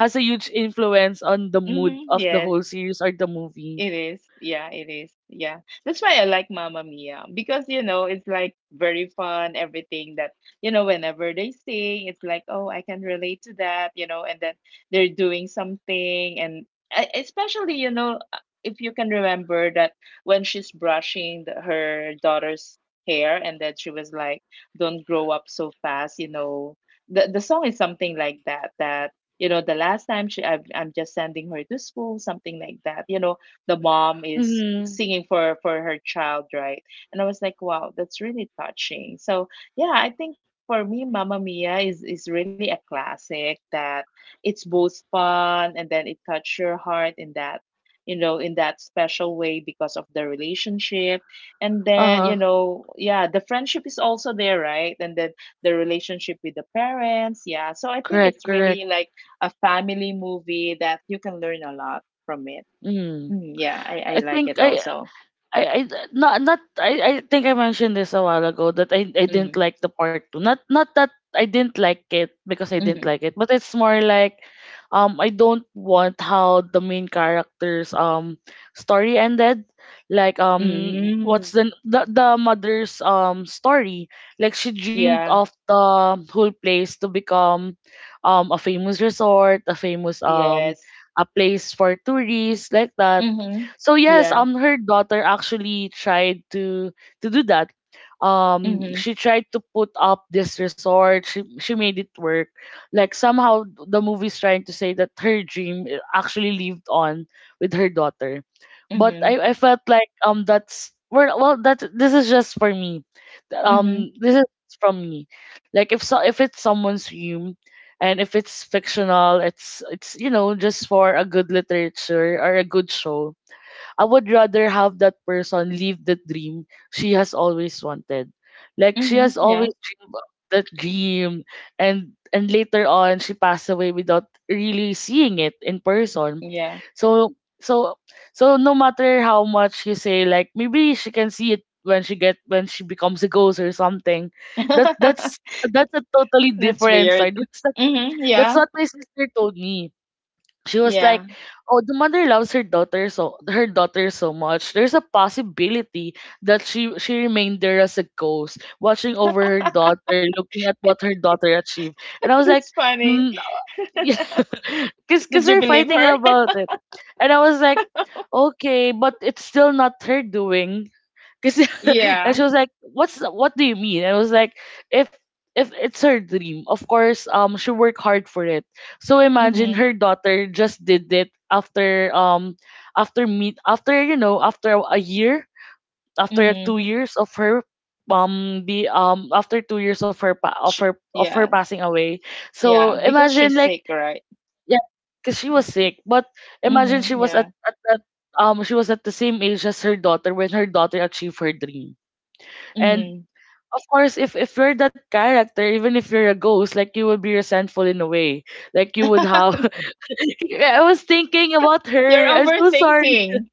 has a huge influence on the mood mm-hmm. of the Yes. whole series or the movie. It is. Yeah, it is. Yeah. That's why I like Mamma Mia, because, you know, it's like very fun, everything that, you know, whenever they sing, it's like, oh, I can relate to that, you know, and then they're doing something. And especially, if you can remember that when she's brushing her daughter's hair and that she was like, don't grow up so fast, you know, the song is something like that, that, you know, the last time I'm just sending her to school, something like that, you know the mom is Mm-hmm. singing for her child, right? And I was like, wow, that's really touching. So yeah, I think for me, Mamma Mia is really a classic that it's both fun and then it touched your heart in that you know in that special way because of the relationship and Uh then you huh. know yeah the friendship is also there right and then the relationship with the parents. Yeah, so I think Correct. it's Correct. really like a family movie that you can learn a lot from it. Mm. Mm, yeah, I I like think it I also. I not not I, I think I mentioned this a while ago that I didn't Mhm. like the part two. Not not that I didn't like it because I didn't Mhm. like it, but it's more like I don't want how the main character's story ended. Like what's Mm. The mother's story? Like she dreamed of Yeah. the whole place to become a famous resort, a famous Yes. a place for tourists like that. Mhm. So yes, Yeah. Her daughter actually tried to do that. Mhm. She tried to put up this resort. She made it work. Like somehow the movie's trying to say that her actually lived on with her daughter. But Mhm. I felt like that's that this is just for me. Mhm. This is from me. Like if so if it's someone's dream. And if it's fictional, it's you know just for a good literature or a good show. I would rather have that person live the dream she has always wanted. Like she Mhm. has always Yeah. dreamed of that dream, and later on she passed away without really seeing it in person. Yeah. So so so no matter how much you say like maybe she can see it when she becomes a ghost or something. That that's that's a totally That's different side. weird. That's not, Mhm. that's Yeah. what my sister told me. She was like, Yeah. "Oh, the mother loves her daughter so much. There's a possibility that she remained there as a ghost, watching over her daughter, looking at what her daughter achieved." And I was like, That's funny. mm, yeah, because Did you we're believe fighting her? about it, and I was like, "Okay, but it's still not her doing." Cause and Yeah. she was like, "What's what do you mean?" And I was like, "If it's her dream, of course, she worked hard for it. So imagine Mhm. her daughter just did it after after meet after you know after a year, after Mhm. 2 years of her be after 2 years of her Sh yeah. passing away. So Yeah. Because imagine, she's like, sick, right? yeah, cause she was sick, but imagine Mhm. she was Yeah. At she was at the same age as her daughter when her daughter achieved her dream, and Mhm. of course, if you're that character, even if you're a ghost, like you will be resentful in a way. Like you would have. I was thinking about You're her. I'm so sorry. overthinking.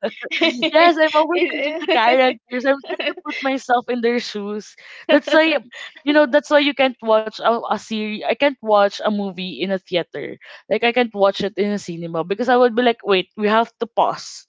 Yes, I'm overthinking the It- characters. I'm trying to put myself in their shoes. That's why, you know, that's why you can't watch a series. I can't watch a movie in a theater. Like I can't watch it in a cinema because I would be like, wait, we have to pause,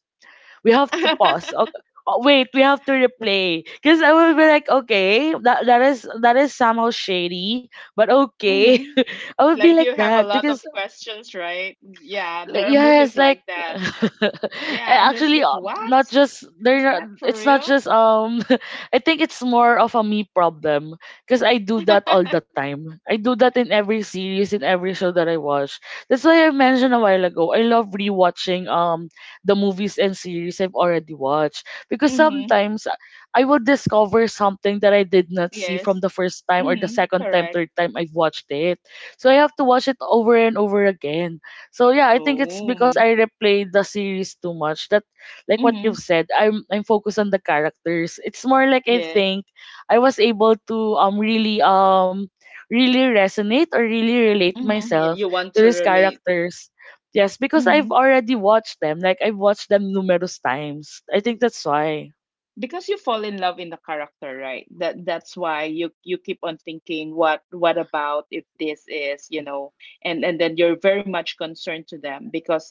we have to pause. Okay. Oh, wait, we have to replay. Because I will be like, okay, that is somehow shady, but okay. hmm. I would be Like like you have a that lot because of questions, right? Yeah, there like, are movies yes, like like that. Yeah, and it's actually, like, what? not just they're Is not. that for It's not real? just. I think it's more of a me problem because I do that all the time. I do that in every series, in every show that I watch. That's why I mentioned a while ago. I love rewatching the movies and series I've already watched because Mm-hmm. sometimes I will discover something that I did not see from Yes. the first time or the Mm-hmm. second time, Correct. third time I've watched it. So I have to watch it over and over again. So yeah, I think it's because Oh. I replayed the series too much. That like what Mm-hmm. you've said, I'm focused on the characters. It's more like I Yes. think I was able to really really resonate or really relate Mm-hmm. Yeah, myself you want to to these relate. characters. Yes, because Mm-hmm. I've already watched them. Like I've watched them numerous times. I think that's why. Because you fall in love in the character, right? That's why you keep on thinking what about if this is, you know, and then you're very much concerned to them because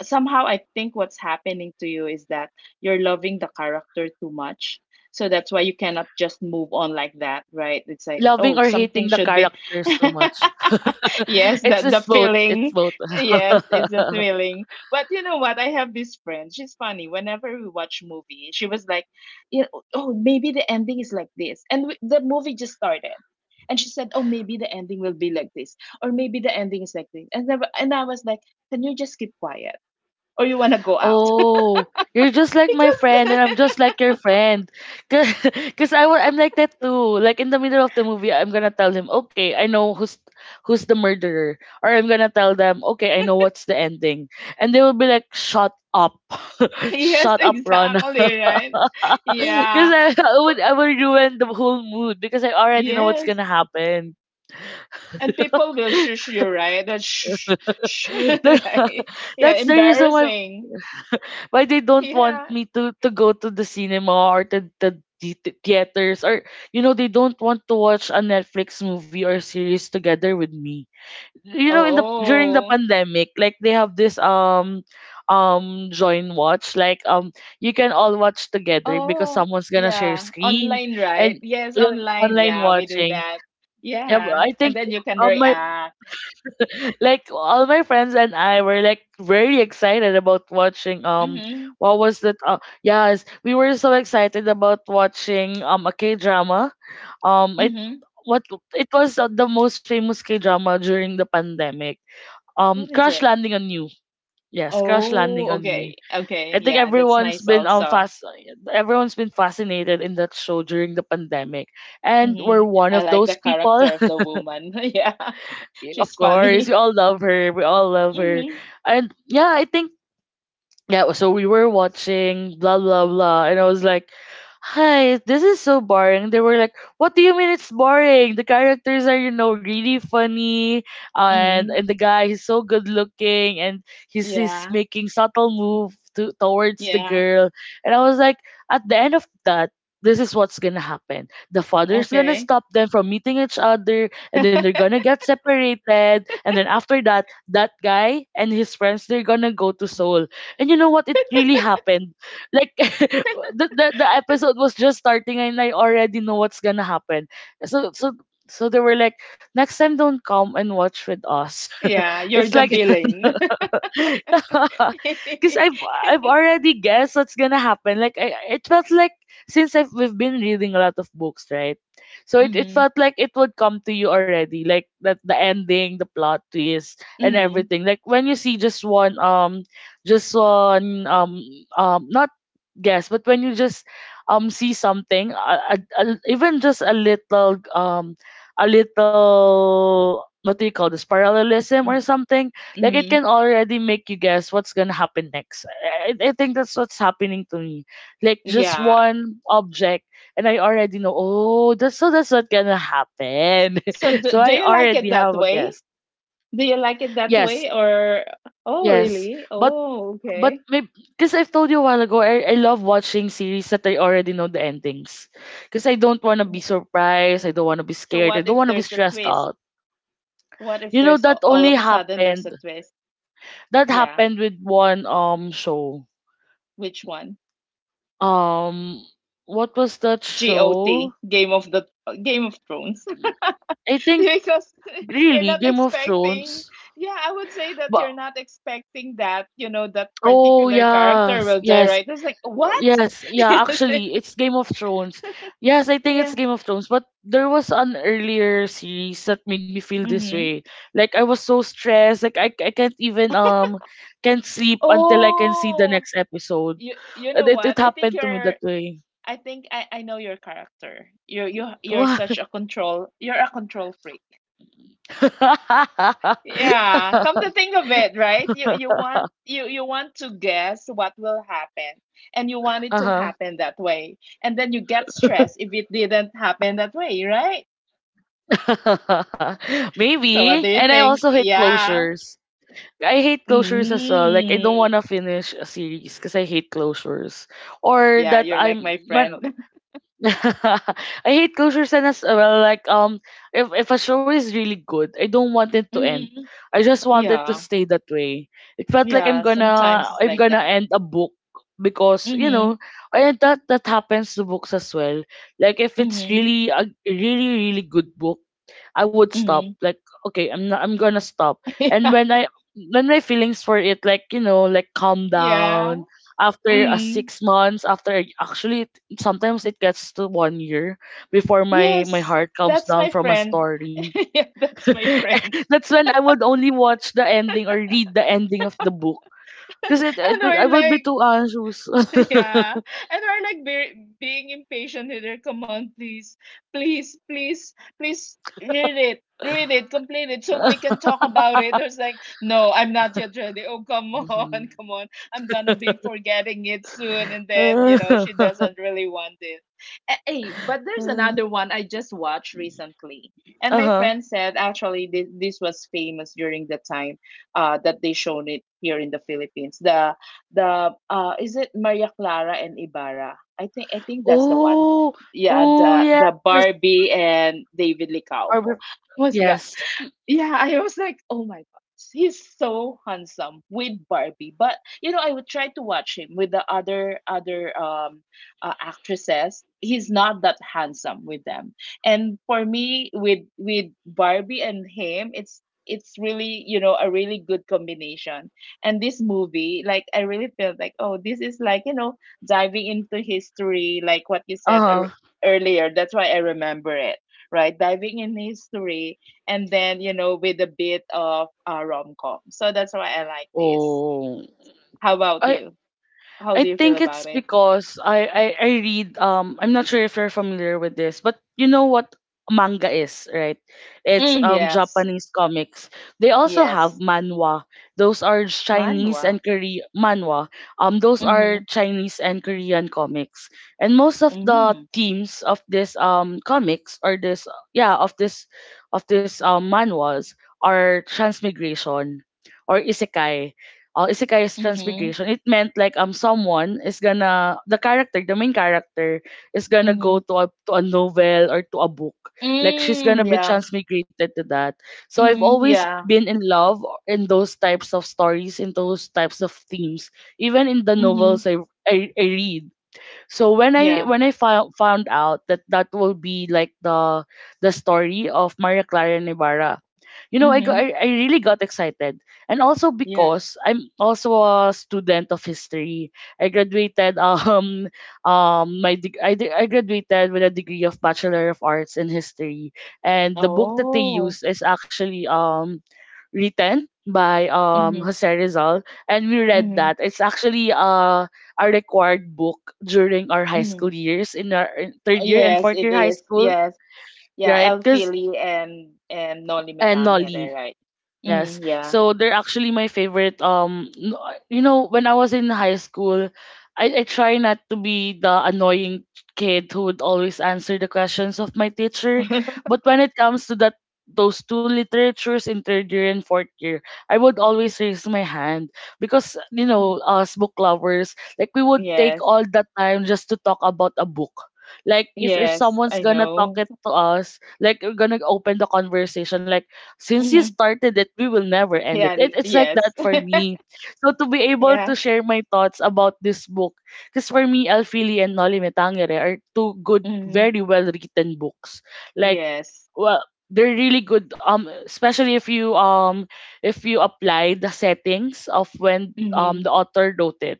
somehow I think what's happening to you is that you're loving the character too much, so that's why you cannot just move on like that, right? It's like, Loving oh, or something hating the should be characters too much. yes, It's the just both. It's feeling. both. Yes, it's a thrilling. But you know what? I have this friend. She's funny. Whenever we watch movie, she was like, you know, oh, maybe the ending is like this. And we, the movie just started. And she said, "Oh, maybe the ending will be like this, or maybe the ending is like this." And then, and I was like, "Can you just keep quiet, or you wanna go out?" Oh, you're just like my Because friend, and I'm just like your friend. Because I'm like that too. Like in the middle of the movie, I'm gonna tell him, okay, I know who's the murderer, or I'm gonna tell them, okay, I know what's the ending, and they will be like, shut up, yes, shut up, Ron, exactly right. because Yeah, I Bu- would ruin the whole mood because I already know what's yes, gonna happen. and people will shush you, right? That shush, shush, That- right? Yeah, That's the reason why embarrassing. They don't want Yeah. me to go to the cinema or to the theaters, or you know they don't want to watch a Netflix movie or series together with me. You know in the during the Oh, pandemic like they have this join watch, like you can all watch together because oh, someone's going to share yeah. screen Online, and right? Yes, you're online. online Yeah, we do watching. that. Yeah, but Yeah, I think and then you can my react. like all my friends and I were like very excited about watching Mhm, what was that, yes we were so excited about watching a K drama, it mhm. what it was the most famous K drama during the pandemic, What is Crash it? Landing on You. Yes, Crash Landing Oh, on You. okay, okay. I think Yeah, that's nice also. Everyone's been fascinated in that show during the pandemic, and we're Mhm. one I of like those the people. character of the woman. Yeah, Y- Of she's course, we funny. all love her. We all love her. Mhm, And yeah, I think yeah, so we were watching blah blah blah, and I was like, "Hi, this is so boring." They were like, "What do you mean it's boring? The characters are you know really funny, and mhm. The guy, he's so good looking, and he's Yeah, making subtle move to, towards the yeah. girl." And I was like, "At the end of that." This is what's gonna happen. The father's gonna Okay. stop them from meeting each other, and then they're gonna get separated. And then after that, that guy and his friends they're gonna go to Seoul, and you know what? It really happened. Like the episode was just starting and I already know what's gonna happen. So so so they were like, next time don't come and watch with us. Yeah, you're It's the like villain. because I've already guessed what's gonna happen. Like I, it felt like since I've we've been reading a lot of books, right? So it Mm-hmm. felt like it would come to you already, like that the ending, the plot twist, and Mm-hmm. everything. Like when you see just one just one um not guess, but when you just see something, even just a little what do you call this, parallelism or something, like it Mm-hmm. can already make you guess what's gonna happen next. I think that's what's happening to me. Like just Yeah. one object, and I already know. Oh, that's so that's not gonna happen. So do, So do I you like already it have that a guess. way? Do you like it that Yes, way or oh yes, really? but Oh, okay. maybe because I've told you a while ago, I love watching series that I already know the endings. Because I don't want to be W- surprised. I don't want to be So scared. I what don't if want to be there's a stressed twist? out. What if You know, that all only of a sudden there's a happened. twist? That Yeah. happened with one show. Which one? Um, what was that show? GOT, Game of Thrones. I think Because you're really not Game of expecting Thrones. yeah, I would say that you're But not expecting that, you know, that oh particular character yes, will die, yes, right? It's like, what? yes, yeah. It's Actually, like, it's Game of Thrones. Yes, I think yeah it's Game of Thrones. But there was an earlier series that made me feel this mm-hmm. way. Like I was so stressed. Like I can't even can't sleep until I can see the Oh, next episode. you And know it what I think happened to me you're that way. I know your character. You're you, you You are Wow. such a control you're a control freak. Yeah, come to think of it, right? You want to guess what will happen and you want it uh to huh. happen that way. And then you get stressed if it didn't happen that way, right? So what Maybe. do you And I think? also hate Yeah. closures. I hate closures as well. Like I don't Mm. wanna finish a series because I hate closures. Or Yeah, that you're like I'm my man, friend. I hate closures and as well like if a show is really good, I don't want it to end. hmm. I just want it to Yeah. stay that way. It felt like I'm Yeah, gonna sometimes it's I'm like gonna that. end a book because you know Mhm. and that happens to books as well. Like if it's Mhm. really a really really good book I would stop. Mhm. Like, okay, I'm not, I'm gonna stop. And yeah. When my feelings for it, like you know, like calm Yeah. down after a Mhm. 6 months. Actually, sometimes it gets to one year before my Yes. heart calms That's down my from a friend. story. yeah, that's my friend That's when I would only watch the ending or read the ending of the book. Cause and I we're would be like too anxious. yeah, and we're like very, being impatient with her. Come on, please, please, please, please read it, complete it, so we can talk about it. There's like, no, I'm not yet ready. Oh, come on, Mhm. come on, I'm gonna be forgetting it soon, and then you know she doesn't really want it. Eh, hey, but there's another one I just watched recently, and uh my huh. friend said actually this was famous during the time that they shown it here in the Philippines. The is it Maria Clara and Ibarra? I think that's the one. Oh, Yeah, oh the yes. Barbie and David Licauco. Or Oh my God. yes. Yeah, I was like, oh my God, he's so handsome with Barbie. But you know, I would try to watch him with the other actresses. He's not that handsome with them. And for me, with Barbie and him, it's really, you know, a really good combination. And this movie, like I really felt like, oh, this is like, you know, diving into history, like what you said Uh-huh. earlier. That's why I remember it. Right, diving in history, and then you know with a bit of rom com. So that's why I like this. Oh, How about I you? How I do you feel think it's about it? because I read I'm not sure if you're familiar with this, but you know what manga is, right? It's Mm, yes, Japanese comics. They also have yes, manhwa. Those are Chinese manhwa. and Korean manhwa. Those are Mhm, Chinese and Korean comics. And most of the mhm, themes of this comics or this yeah, of this manhwas are transmigration or isekai, isekai's mhm, transfiguration. It meant like someone is gonna the character, the main character is gonna go mhm. to a novel or to a book. Like she's Mm, gonna be yeah, transmigrated to that. So I've mhm, always yeah, been in love in those types of stories, in those types of themes. Even in the mhm, novels I read, so when I yeah, when I found out that that will be like the story of Maria Clara Nevara, you know, I got I, mhm, I really got excited, and also yeah. because I'm also a student of history. I graduated my deg- I de- I graduated with a degree of Bachelor of Arts in History, and the book that they Oh, use is actually written by mhm, Jose Rizal, and we read mhm, that. It's actually a required book during our high mhm. school years in our in Oh, third year and yes, fourth it year high is. school, Yes, yeah. right? El Because Fili and Noli and Nolly, Metangere, right? yes. Mm, yeah. So they're actually my favorite. You know, when I was in high school, I try not to be the annoying kid who would always answer the questions of my teacher. But when it comes to that those two literatures in third year and fourth year, I would always raise my hand because you Mhm. know, us book lovers, like we would take Yes. all that time just to talk about a book. Like if Yes, someone's I gonna talk know. it to us, like we're gonna open the conversation, like since you Mhm. started it, we will never end it. It. It's like Yes. that for me. So to be able Yeah. to share my thoughts about this book, because for me, Alfili and Noli Me Tangere are two good, Mhm. very well written books. Like, Yes. well, they're really good. Especially if you apply the settings of when Mhm. the author wrote it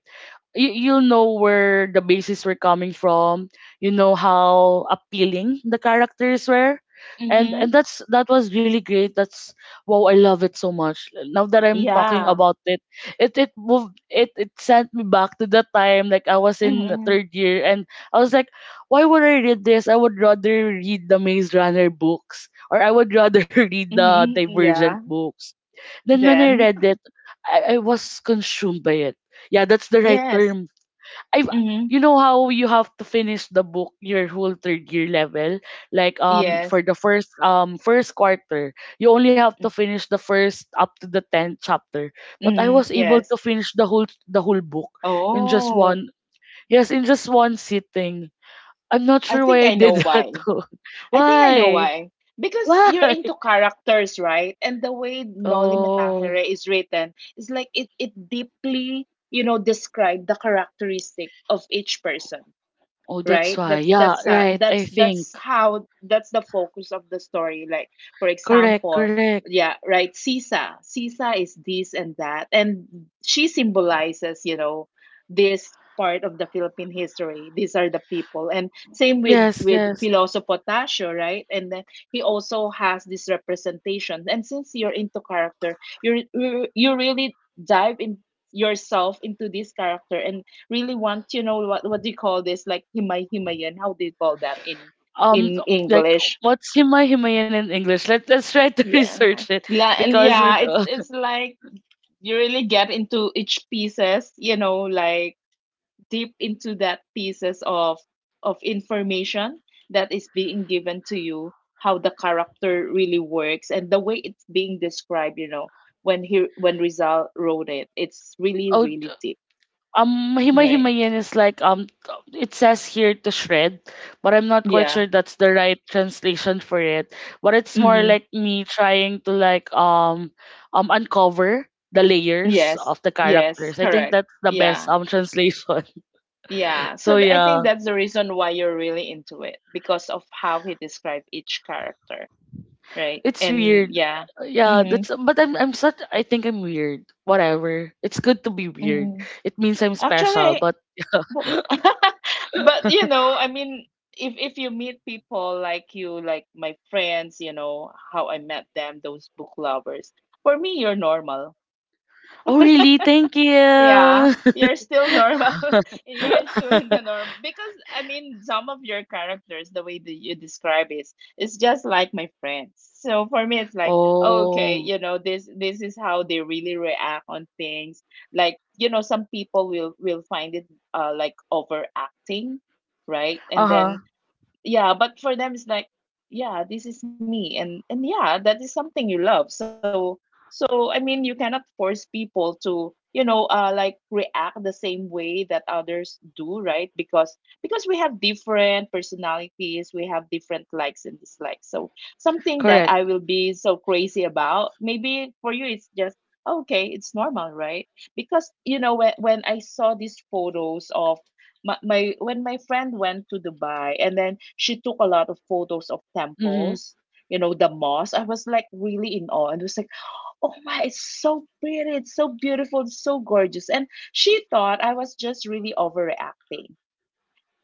you'll know where the bases were coming from. You know how appealing the characters were, and Mhm. That was really great. That's wow, I love it so much. Now that I'm talking Yeah. about it, it it moved it it sent me back to the time like I was in the Mhm. third year, and I was like, why would I read this? I would rather read the Maze Runner books, or I would rather read the Mhm. Divergent Yeah. books. Then when I Then. read it, I was consumed by it. Yeah, that's the right Yes. term. I, Mhm. you know how you have to finish the book your whole third year level like Yes. for the first first quarter you only have to finish the first up to the 10th chapter, but I Mhm. was able Yes. to finish the whole book in just Oh, one yes, in just one sitting. I'm not I sure why think I I did know that why. though. I think I know why why. Because why? you're into characters, right? And the way Noli Me Oh, Tangere is written is like it deeply, you know, describe the characteristic of each person, oh that's right? why. Yeah, right, I think. that's how that's the focus of the story. Like, for Correct, example, correct. yeah, right, Sisa is this and that, and she symbolizes, you know, this part of the Philippine history, these are the people. And same with Yes, yes. Piloso Potasio, right? And then he also has this representation, and since you're into character, you really dive in yourself into this character and really want, you know, what do you call this? Like himay himayan. How do you call that in um like English? what's Himay Himayan in English? Let let's try to Yeah, research it like, because with yeah. It's like you really get into each pieces. You know, like deep into that pieces of information that is being given to you. How the character really works and the way it's being described. You know, when Rizal wrote it, it's really oh t- really deep. Himay Right. Himayan is like it says here to shred, but I'm not quite Yeah. sure that's the right translation for it. But it's more Mm-hmm. like me trying to like uncover the layers Yes, of the yes, characters. I think correct. that's the best Yeah, translation. yeah. So So I think yeah. that's the reason why you're really into it because of how he described each character, right? It's weird. And yeah, Yeah, mm-hmm, that's, but I think I'm weird. Whatever. It's good to be weird. mm-hmm. It means I'm special, Actually, but w- but you know, I mean, if you meet people like you, like my friends, you know, how I met them, those book lovers. For me, you're normal. oh really? Thank you. Yeah, you're still normal. You're still in the norm because I mean some of your characters, the way that you describe it, it's just like my friends. So for me, it's like oh, okay, Oh. you know this is how they really react on things. Like you know, some people will find it like overacting, right? And then Uh-huh. yeah but for them it's like yeah this is me, and yeah that is something you love. So I mean you cannot force people to, you know, like react the same way that others do, right? Because we have different personalities, we have different likes and dislikes. So something that I Correct. will be so crazy about, maybe for you it's just okay, it's normal, right? Because you know when I saw these photos of my when my friend went to Dubai, and then she took a lot of photos of Mhm. temples, you know, the mosque. I was like really in awe and was like, oh my, it's so pretty, it's so beautiful, it's so gorgeous. And she thought I was just really overreacting.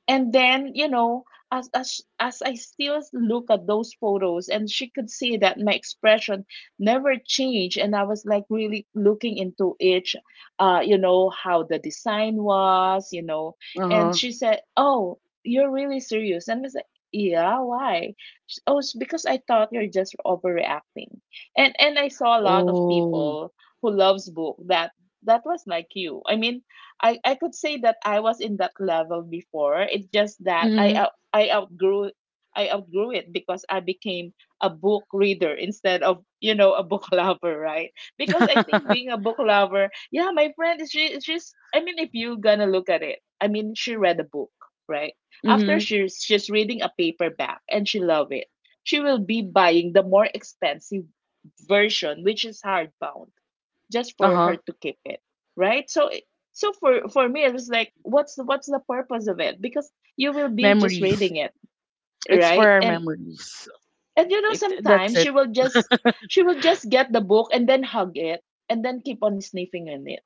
And then, you know, as I still look at those photos, and she could see that my expression never changed, and I was like really looking into each you know how the design was, you know. And Uh-huh. she said, oh, you're really serious. And I was like, yeah, why? She- oh it's because I thought you're just overreacting. And I saw a lot of Oh. people who loves book that was like you. I mean, I could say that I was in that level before. It's just that Mhm. I outgrew it because I became a book reader instead of you know a book lover, right? Because I think being a book lover, yeah, my friend is she's I mean if you gonna look at it, I mean she read a book, right? After Mhm. she's reading a paperback and she love it, she will be buying the more expensive version, which is hardbound just for her Uh-huh. to keep it, right? So for me it was like what's the purpose of it because you will be just Memories. reading it, It's for right? our and memories. and you know It, that's sometimes it. She will just get the book and then hug it and then keep on sniffing on it.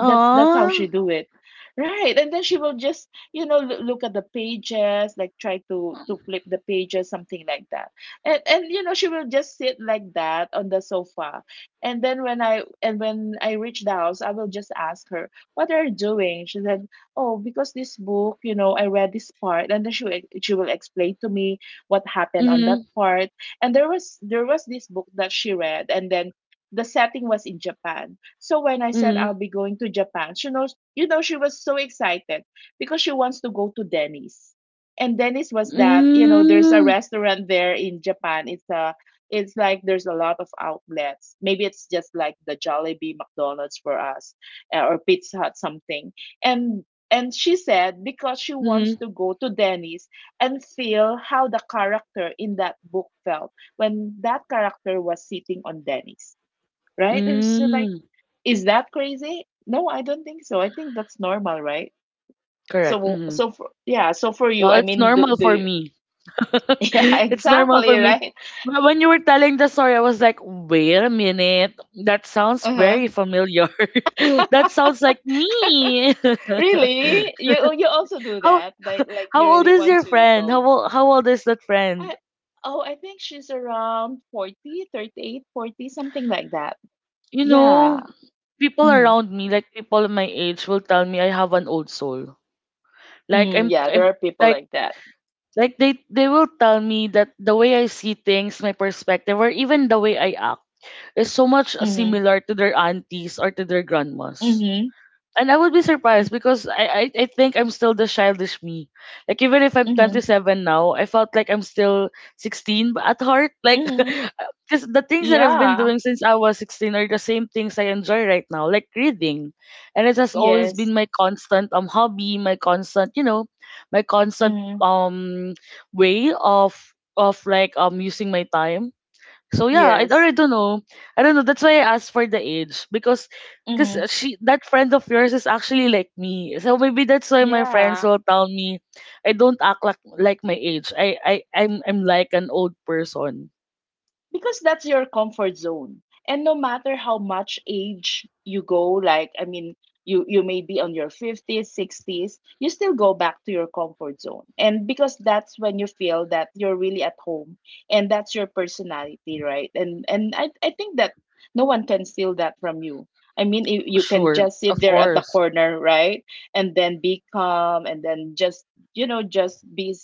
That's how she do it. Right. And then she will just, look at the pages, like try to flip the pages, something like that. And you know, she will just sit like that on the sofa. And then when I reach the house, I will just ask her, "What are you doing?" She said, "Oh, because this book, you know, I read this part." And then she will explain to me what happened on that Mhm. part. And there was this book that she read, and then the setting was in Japan. So when I said Mhm. I'll be going to Japan, she knows, you know, she was so excited because she wants to go to Denny's. And Denny's was that, you know, there's a Mm. restaurant there in Japan. It's a, it's like there's a lot of outlets. Maybe it's just like the Jollibee, McDonald's for us, or Pizza Hut, something. And and she said because she wants Mhm. to go to Denny's and feel how the character in that book felt when that character was sitting on Denny's, right? It was so like, Mm. is that crazy? No, I don't think so. I think that's normal, right? Correct. So, Mhm. so for yeah, so for you, Well, I it's mean, normal do for you? me. Yeah, It's normal for exactly, me. right? But when you were telling the story, I was like, wait a minute. That sounds Uh-huh. very familiar. That sounds like me. Really? You also do how that? Like you how old really is want your to friend? How go? old how old is that friend? I, oh, I think she's around 40, 38, 40, something like that. You Yeah. know, people Mm, around me, like people my age, will tell me I have an old soul. Like mm, yeah, there I'm are people like like that. like they will tell me that the way I see things, my perspective, or even the way I is so much Mm-hmm. similar to their aunties or to their grandmas. Mm-hmm. And I would be surprised because I think I'm still the childish me. Like even if I'm Mm-hmm. 27 now, I felt like I'm still 16 at heart. Like Mm-hmm. because the things that I've been Yeah. doing since I was 16 are the same things I enjoy right now, like reading. And it has always Yes. been my constant hobby, my constant, you know, my constant Mm-hmm. um way of like using my time so yeah, I Yes. already don't know. I don't know. That's why I asked for the age because Mm-hmm. she, that friend of yours, is actually like me. So maybe that's why my friends Yeah, will tell me I don't act like my age. I'm like an old person. because that's your comfort zone. And no matter how much age you go, like I mean, you may be on your 50s, 60s, you still go back to your comfort zone. And because that's when you feel that you're really at home and that's your personality, right? And I think that no one can steal that from you. I mean, you can Sure, just sit of there at the course. corner, right? And then be calm and then just, you know, just be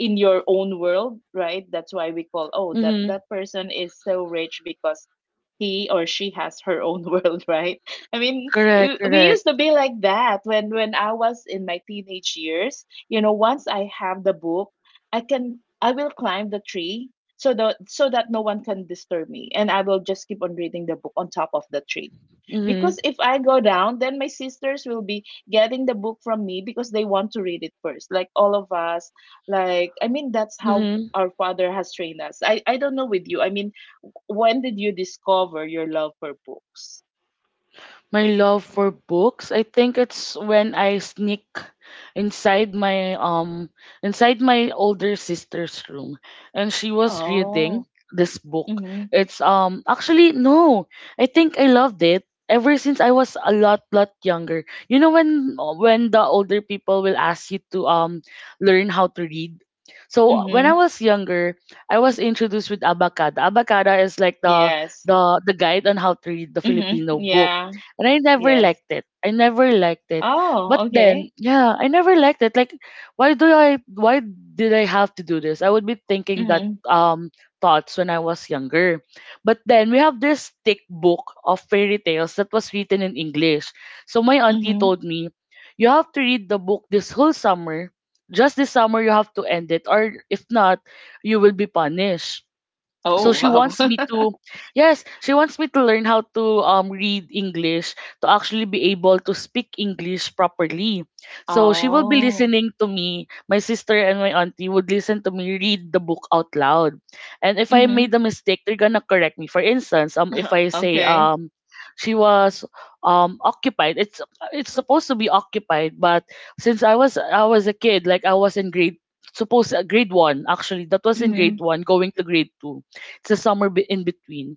in your own world, right? That's why we call, oh that Mhm. Person is so rich because he or she has her own world, right? I mean, Correct. we Correct. used to be like that when I was in my teenage years. You know, once I have the book, I will climb the tree so that no one can disturb me, and I will just keep on reading the book on top of the tree Mhm. because if I go down, then my sisters will be getting the book from me because they want to read it first, like all of us. Like, I mean, that's how Mhm. our father has trained us. I don't know with you. I mean, when did you discover your love for books? My love for books. I think it's when I sneak inside my um inside my older sister's room and she was reading Oh, this book. mm-hmm, It's actually no. I think I loved it ever since I was a lot lot younger. You know when the older people will ask you to learn how to read. So when I mm-hmm, was younger, I was introduced with Abacada. Abacada is like the yes, the guide on how to read the mm-hmm, Filipino, yeah, and I never yes. liked it. I never liked it. But Oh, then, okay, yeah, I never liked it. Like, why do I? Why did I have to do this? I would be thinking that mm-hmm, thoughts when I was younger. But then we have this thick book of fairy tales that was written in English. So my auntie mm-hmm. told me, you have to read the book this whole summer. Just this summer, you have to end it, or if not, you will be punished. So Oh, she wow. wants me to, yes, she wants me to learn how to read English, to actually be able to speak English properly. So she will be oh, listening to me, my sister and my auntie would listen to me read the book out loud, and if I made mm-hmm, a mistake they're gonna correct me. For instance, if I say, okay, she was occupied, it's supposed to be occupied. But since I was a kid, like I was in grade, supposed grade 1 actually, that was in grade mm-hmm, 1 going to grade 2. It's a somewhere in between.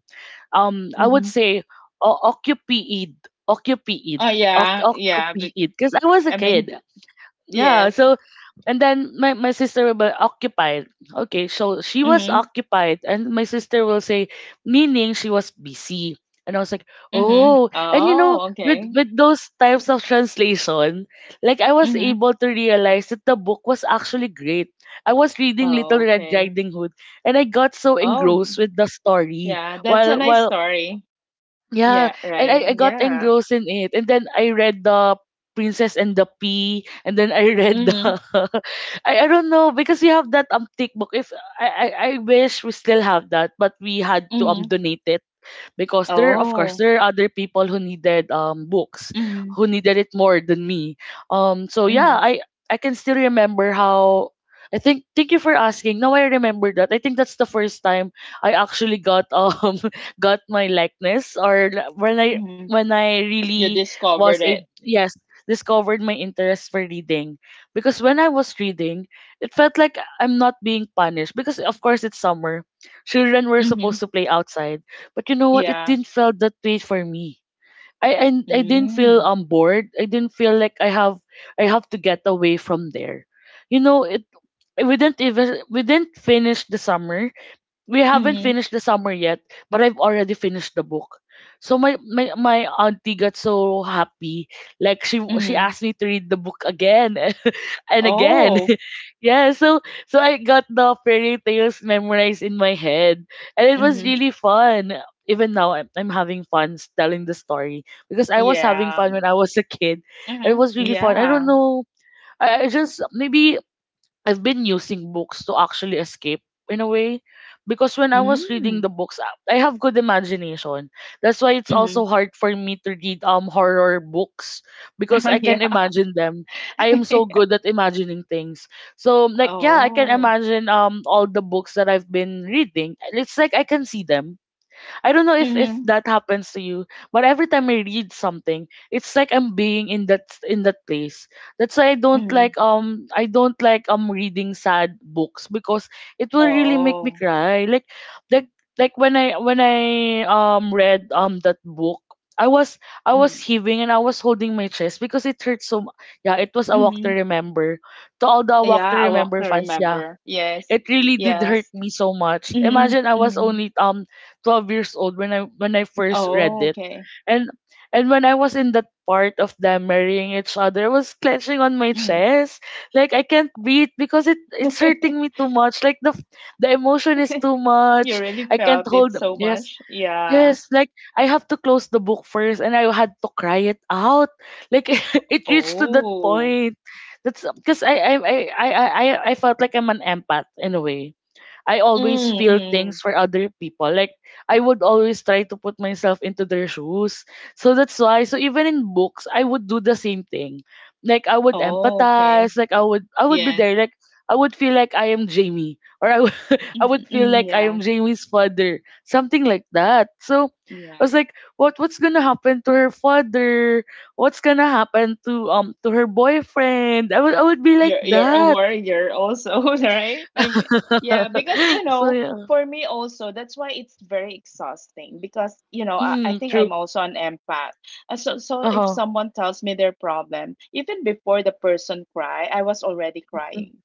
I would mm-hmm. say o- occupied, occupied, Oh yeah, yeah. occupied, because I was a I mean, kid. th Yeah, yes. so and then my sister will be occupied. Okay, so she was Mhm, occupied and my sister will say, meaning she was busy. And I was like, mhm. oh, and Oh, with okay. with those types of translation, like I was Mhm. able to realize that the book was actually great. I was reading Little Oh, Red okay. Riding Hood, and I got so Oh, d- engrossed with the story. yeah, that's a nice While story. Yeah, Yeah, and right. I got Yeah. engrossed in it. And then I read the Princess and the Pea, and then I read the Mhm, I don't know because we have that thick book. If I wish we still have that, but we had to mhm. donate it because there, of course, Oh. there are other people who needed books, Mhm, who needed it more than me. So yeah, mhm, I can still remember how. I think thank you for asking, now I remember that. I think that's the first time I actually got got my likeness or when i mhm. when i You really discovered was a it. yes, discovered my interest for reading. Because when I was reading, it felt like I'm not being punished. Because of course it's summer, children were supposed Mhm. to play outside, but you know what? It Yeah. didn't felt that way for me. I didn't feel Mm. Bored. I didn't feel like I have to get away from there. You know, it we didn't even we didn't finish the summer. We haven't Mhm, finished the summer yet, but I've already finished the book. So my auntie got so happy. Like she mhm. asked me to read the book again and again. Oh. Yeah, so so I got the fairy tales memorized in my head, and it was Mhm. really fun. Even now, I'm having fun telling the story because I was having Yeah. fun when I was a kid. It Mhm. was really fun. I don't Yeah. know. I just maybe I've been using books to actually escape, in a way, because when I was reading Mm. the books, I have good imagination. That's why it's also Mhm. hard for me to read horror books, because I Yeah. can imagine them. I am so good at imagining things. So like yeah, I can Oh. imagine all the books that I've been reading. It's like I can see them. I don't know if Mhm. that happens to you, but every time I read something, it's like I'm being in that place. That's why Mhm. I don't like reading sad books, because it will really make me Oh. cry. Like like when I read that book, I was I was Mm. heaving and I was holding my chest because it hurt so yeah, it was A Walk to Mhm. Remember. To all the A Walk to Yeah, A Walk Remember to fans, yeah, Remember. Yes. it really did hurt Yes. me so much. Mhm, Imagine I was mhm. only 12 years old when I first read Oh, it. okay. And when I was in that part of them marrying each other, I was clenching on my Mhm. chest. Like I can't breathe because it's hurting me too much. Like the emotion is too You much. really I felt can't it hold so yes, much? Yeah. yes, like I have to close the book first and I had to cry it out. Like it reached to that Oh. point. That's because I felt like I'm an empath in a way. I always Mm, feel mm. things for other people. Like I would always try to put myself into their shoes. So that's why, so even in books I would do the same thing. Like I would Oh, okay. empathize, like I would be Yes. there. Like I would feel like I am Jamie, or I would, I would Mm, feel mm, like I am yeah. Jamie's father. Something like that. So I was Yeah. like, what's going to happen to her father? What's going to happen to her boyfriend? I would be like you're a that. warrior also, right? I mean, yeah, because you So know yeah. for me also that's why it's very exhausting because you know, I Mm, think true. I'm also an empath. So if Uh-huh. someone tells me their problem, even before the person cry I was already Mm. crying.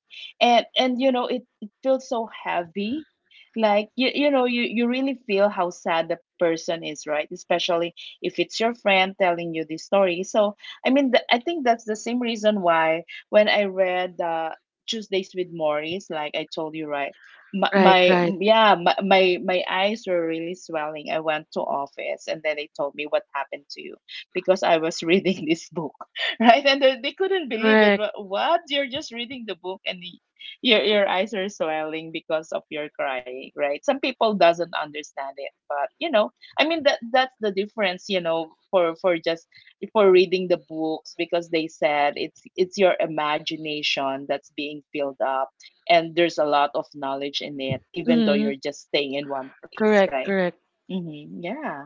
And you know, it feels so heavy like you know, you really feel how sad the person is, right? Especially if it's your friend telling you this story. So I mean, I think that's the same reason why when I read the Tuesdays with Morris, like I told you, right? My, Right, my right. yeah, my, my my eyes were really swelling. I went to office and then they told me what happened to you because I was reading this book, right? And they couldn't believe it. Correct. Wha- What? You're just reading the book and your eyes are swelling because of your crying, right? Some people doesn't understand it, but you know, I mean that that's the difference, you know, for just for reading the books because they said it's your imagination that's being filled up, and there's a lot of knowledge in it even though Mm, you're just staying in one place, correct, right? correct. Mm-hmm. Yeah,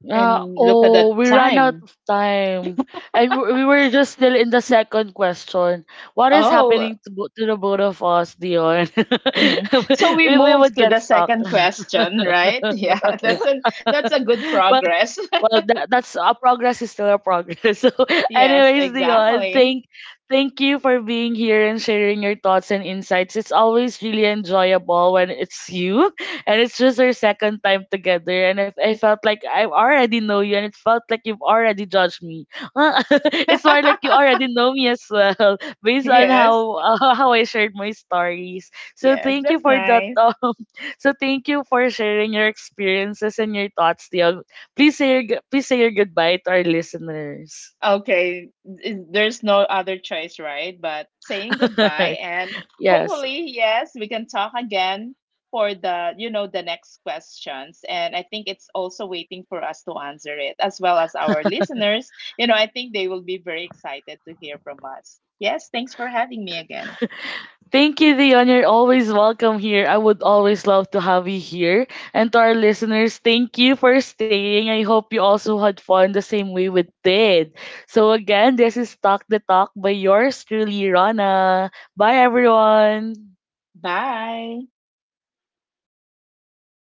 Yeah, and look at the oh, we ran time. out of time. And we were just still in the second question. What is Oh, happening to, to the both of us, Dion? mm. So we We move would to get the stuck. second question, right? Yeah, that's a good Well, progress. well, that's a progress, is still a progress. So, Yes, anyways, Dion, exactly. Thank you for being here and sharing your thoughts and insights. It's always really enjoyable when it's you, and it's just our second time together. And if I felt like I already know you, and it felt like you've already judged me, it's more like you already know me as well, based on Yes. how how I shared my stories. So, Yes, thank you that's for that. nice. Um, so thank you for sharing your experiences and your thoughts, Tiago. Please say please say your goodbye to our listeners. Okay, there's no other choice, right? But saying goodbye and Yes. hopefully, yes, we can talk again for the, you know, the next questions. And I think it's also waiting for us to answer it, as well as our listeners. You know, I think they will be very excited to hear from us. Yes, thanks for having me again. Thank you, Dion. You're always welcome here. I would always love to have you here. And to our listeners, thank you for staying. I hope you also had fun the same way we did. So again, this is Talk the Talk by yours truly, Rana. Bye, everyone. Bye.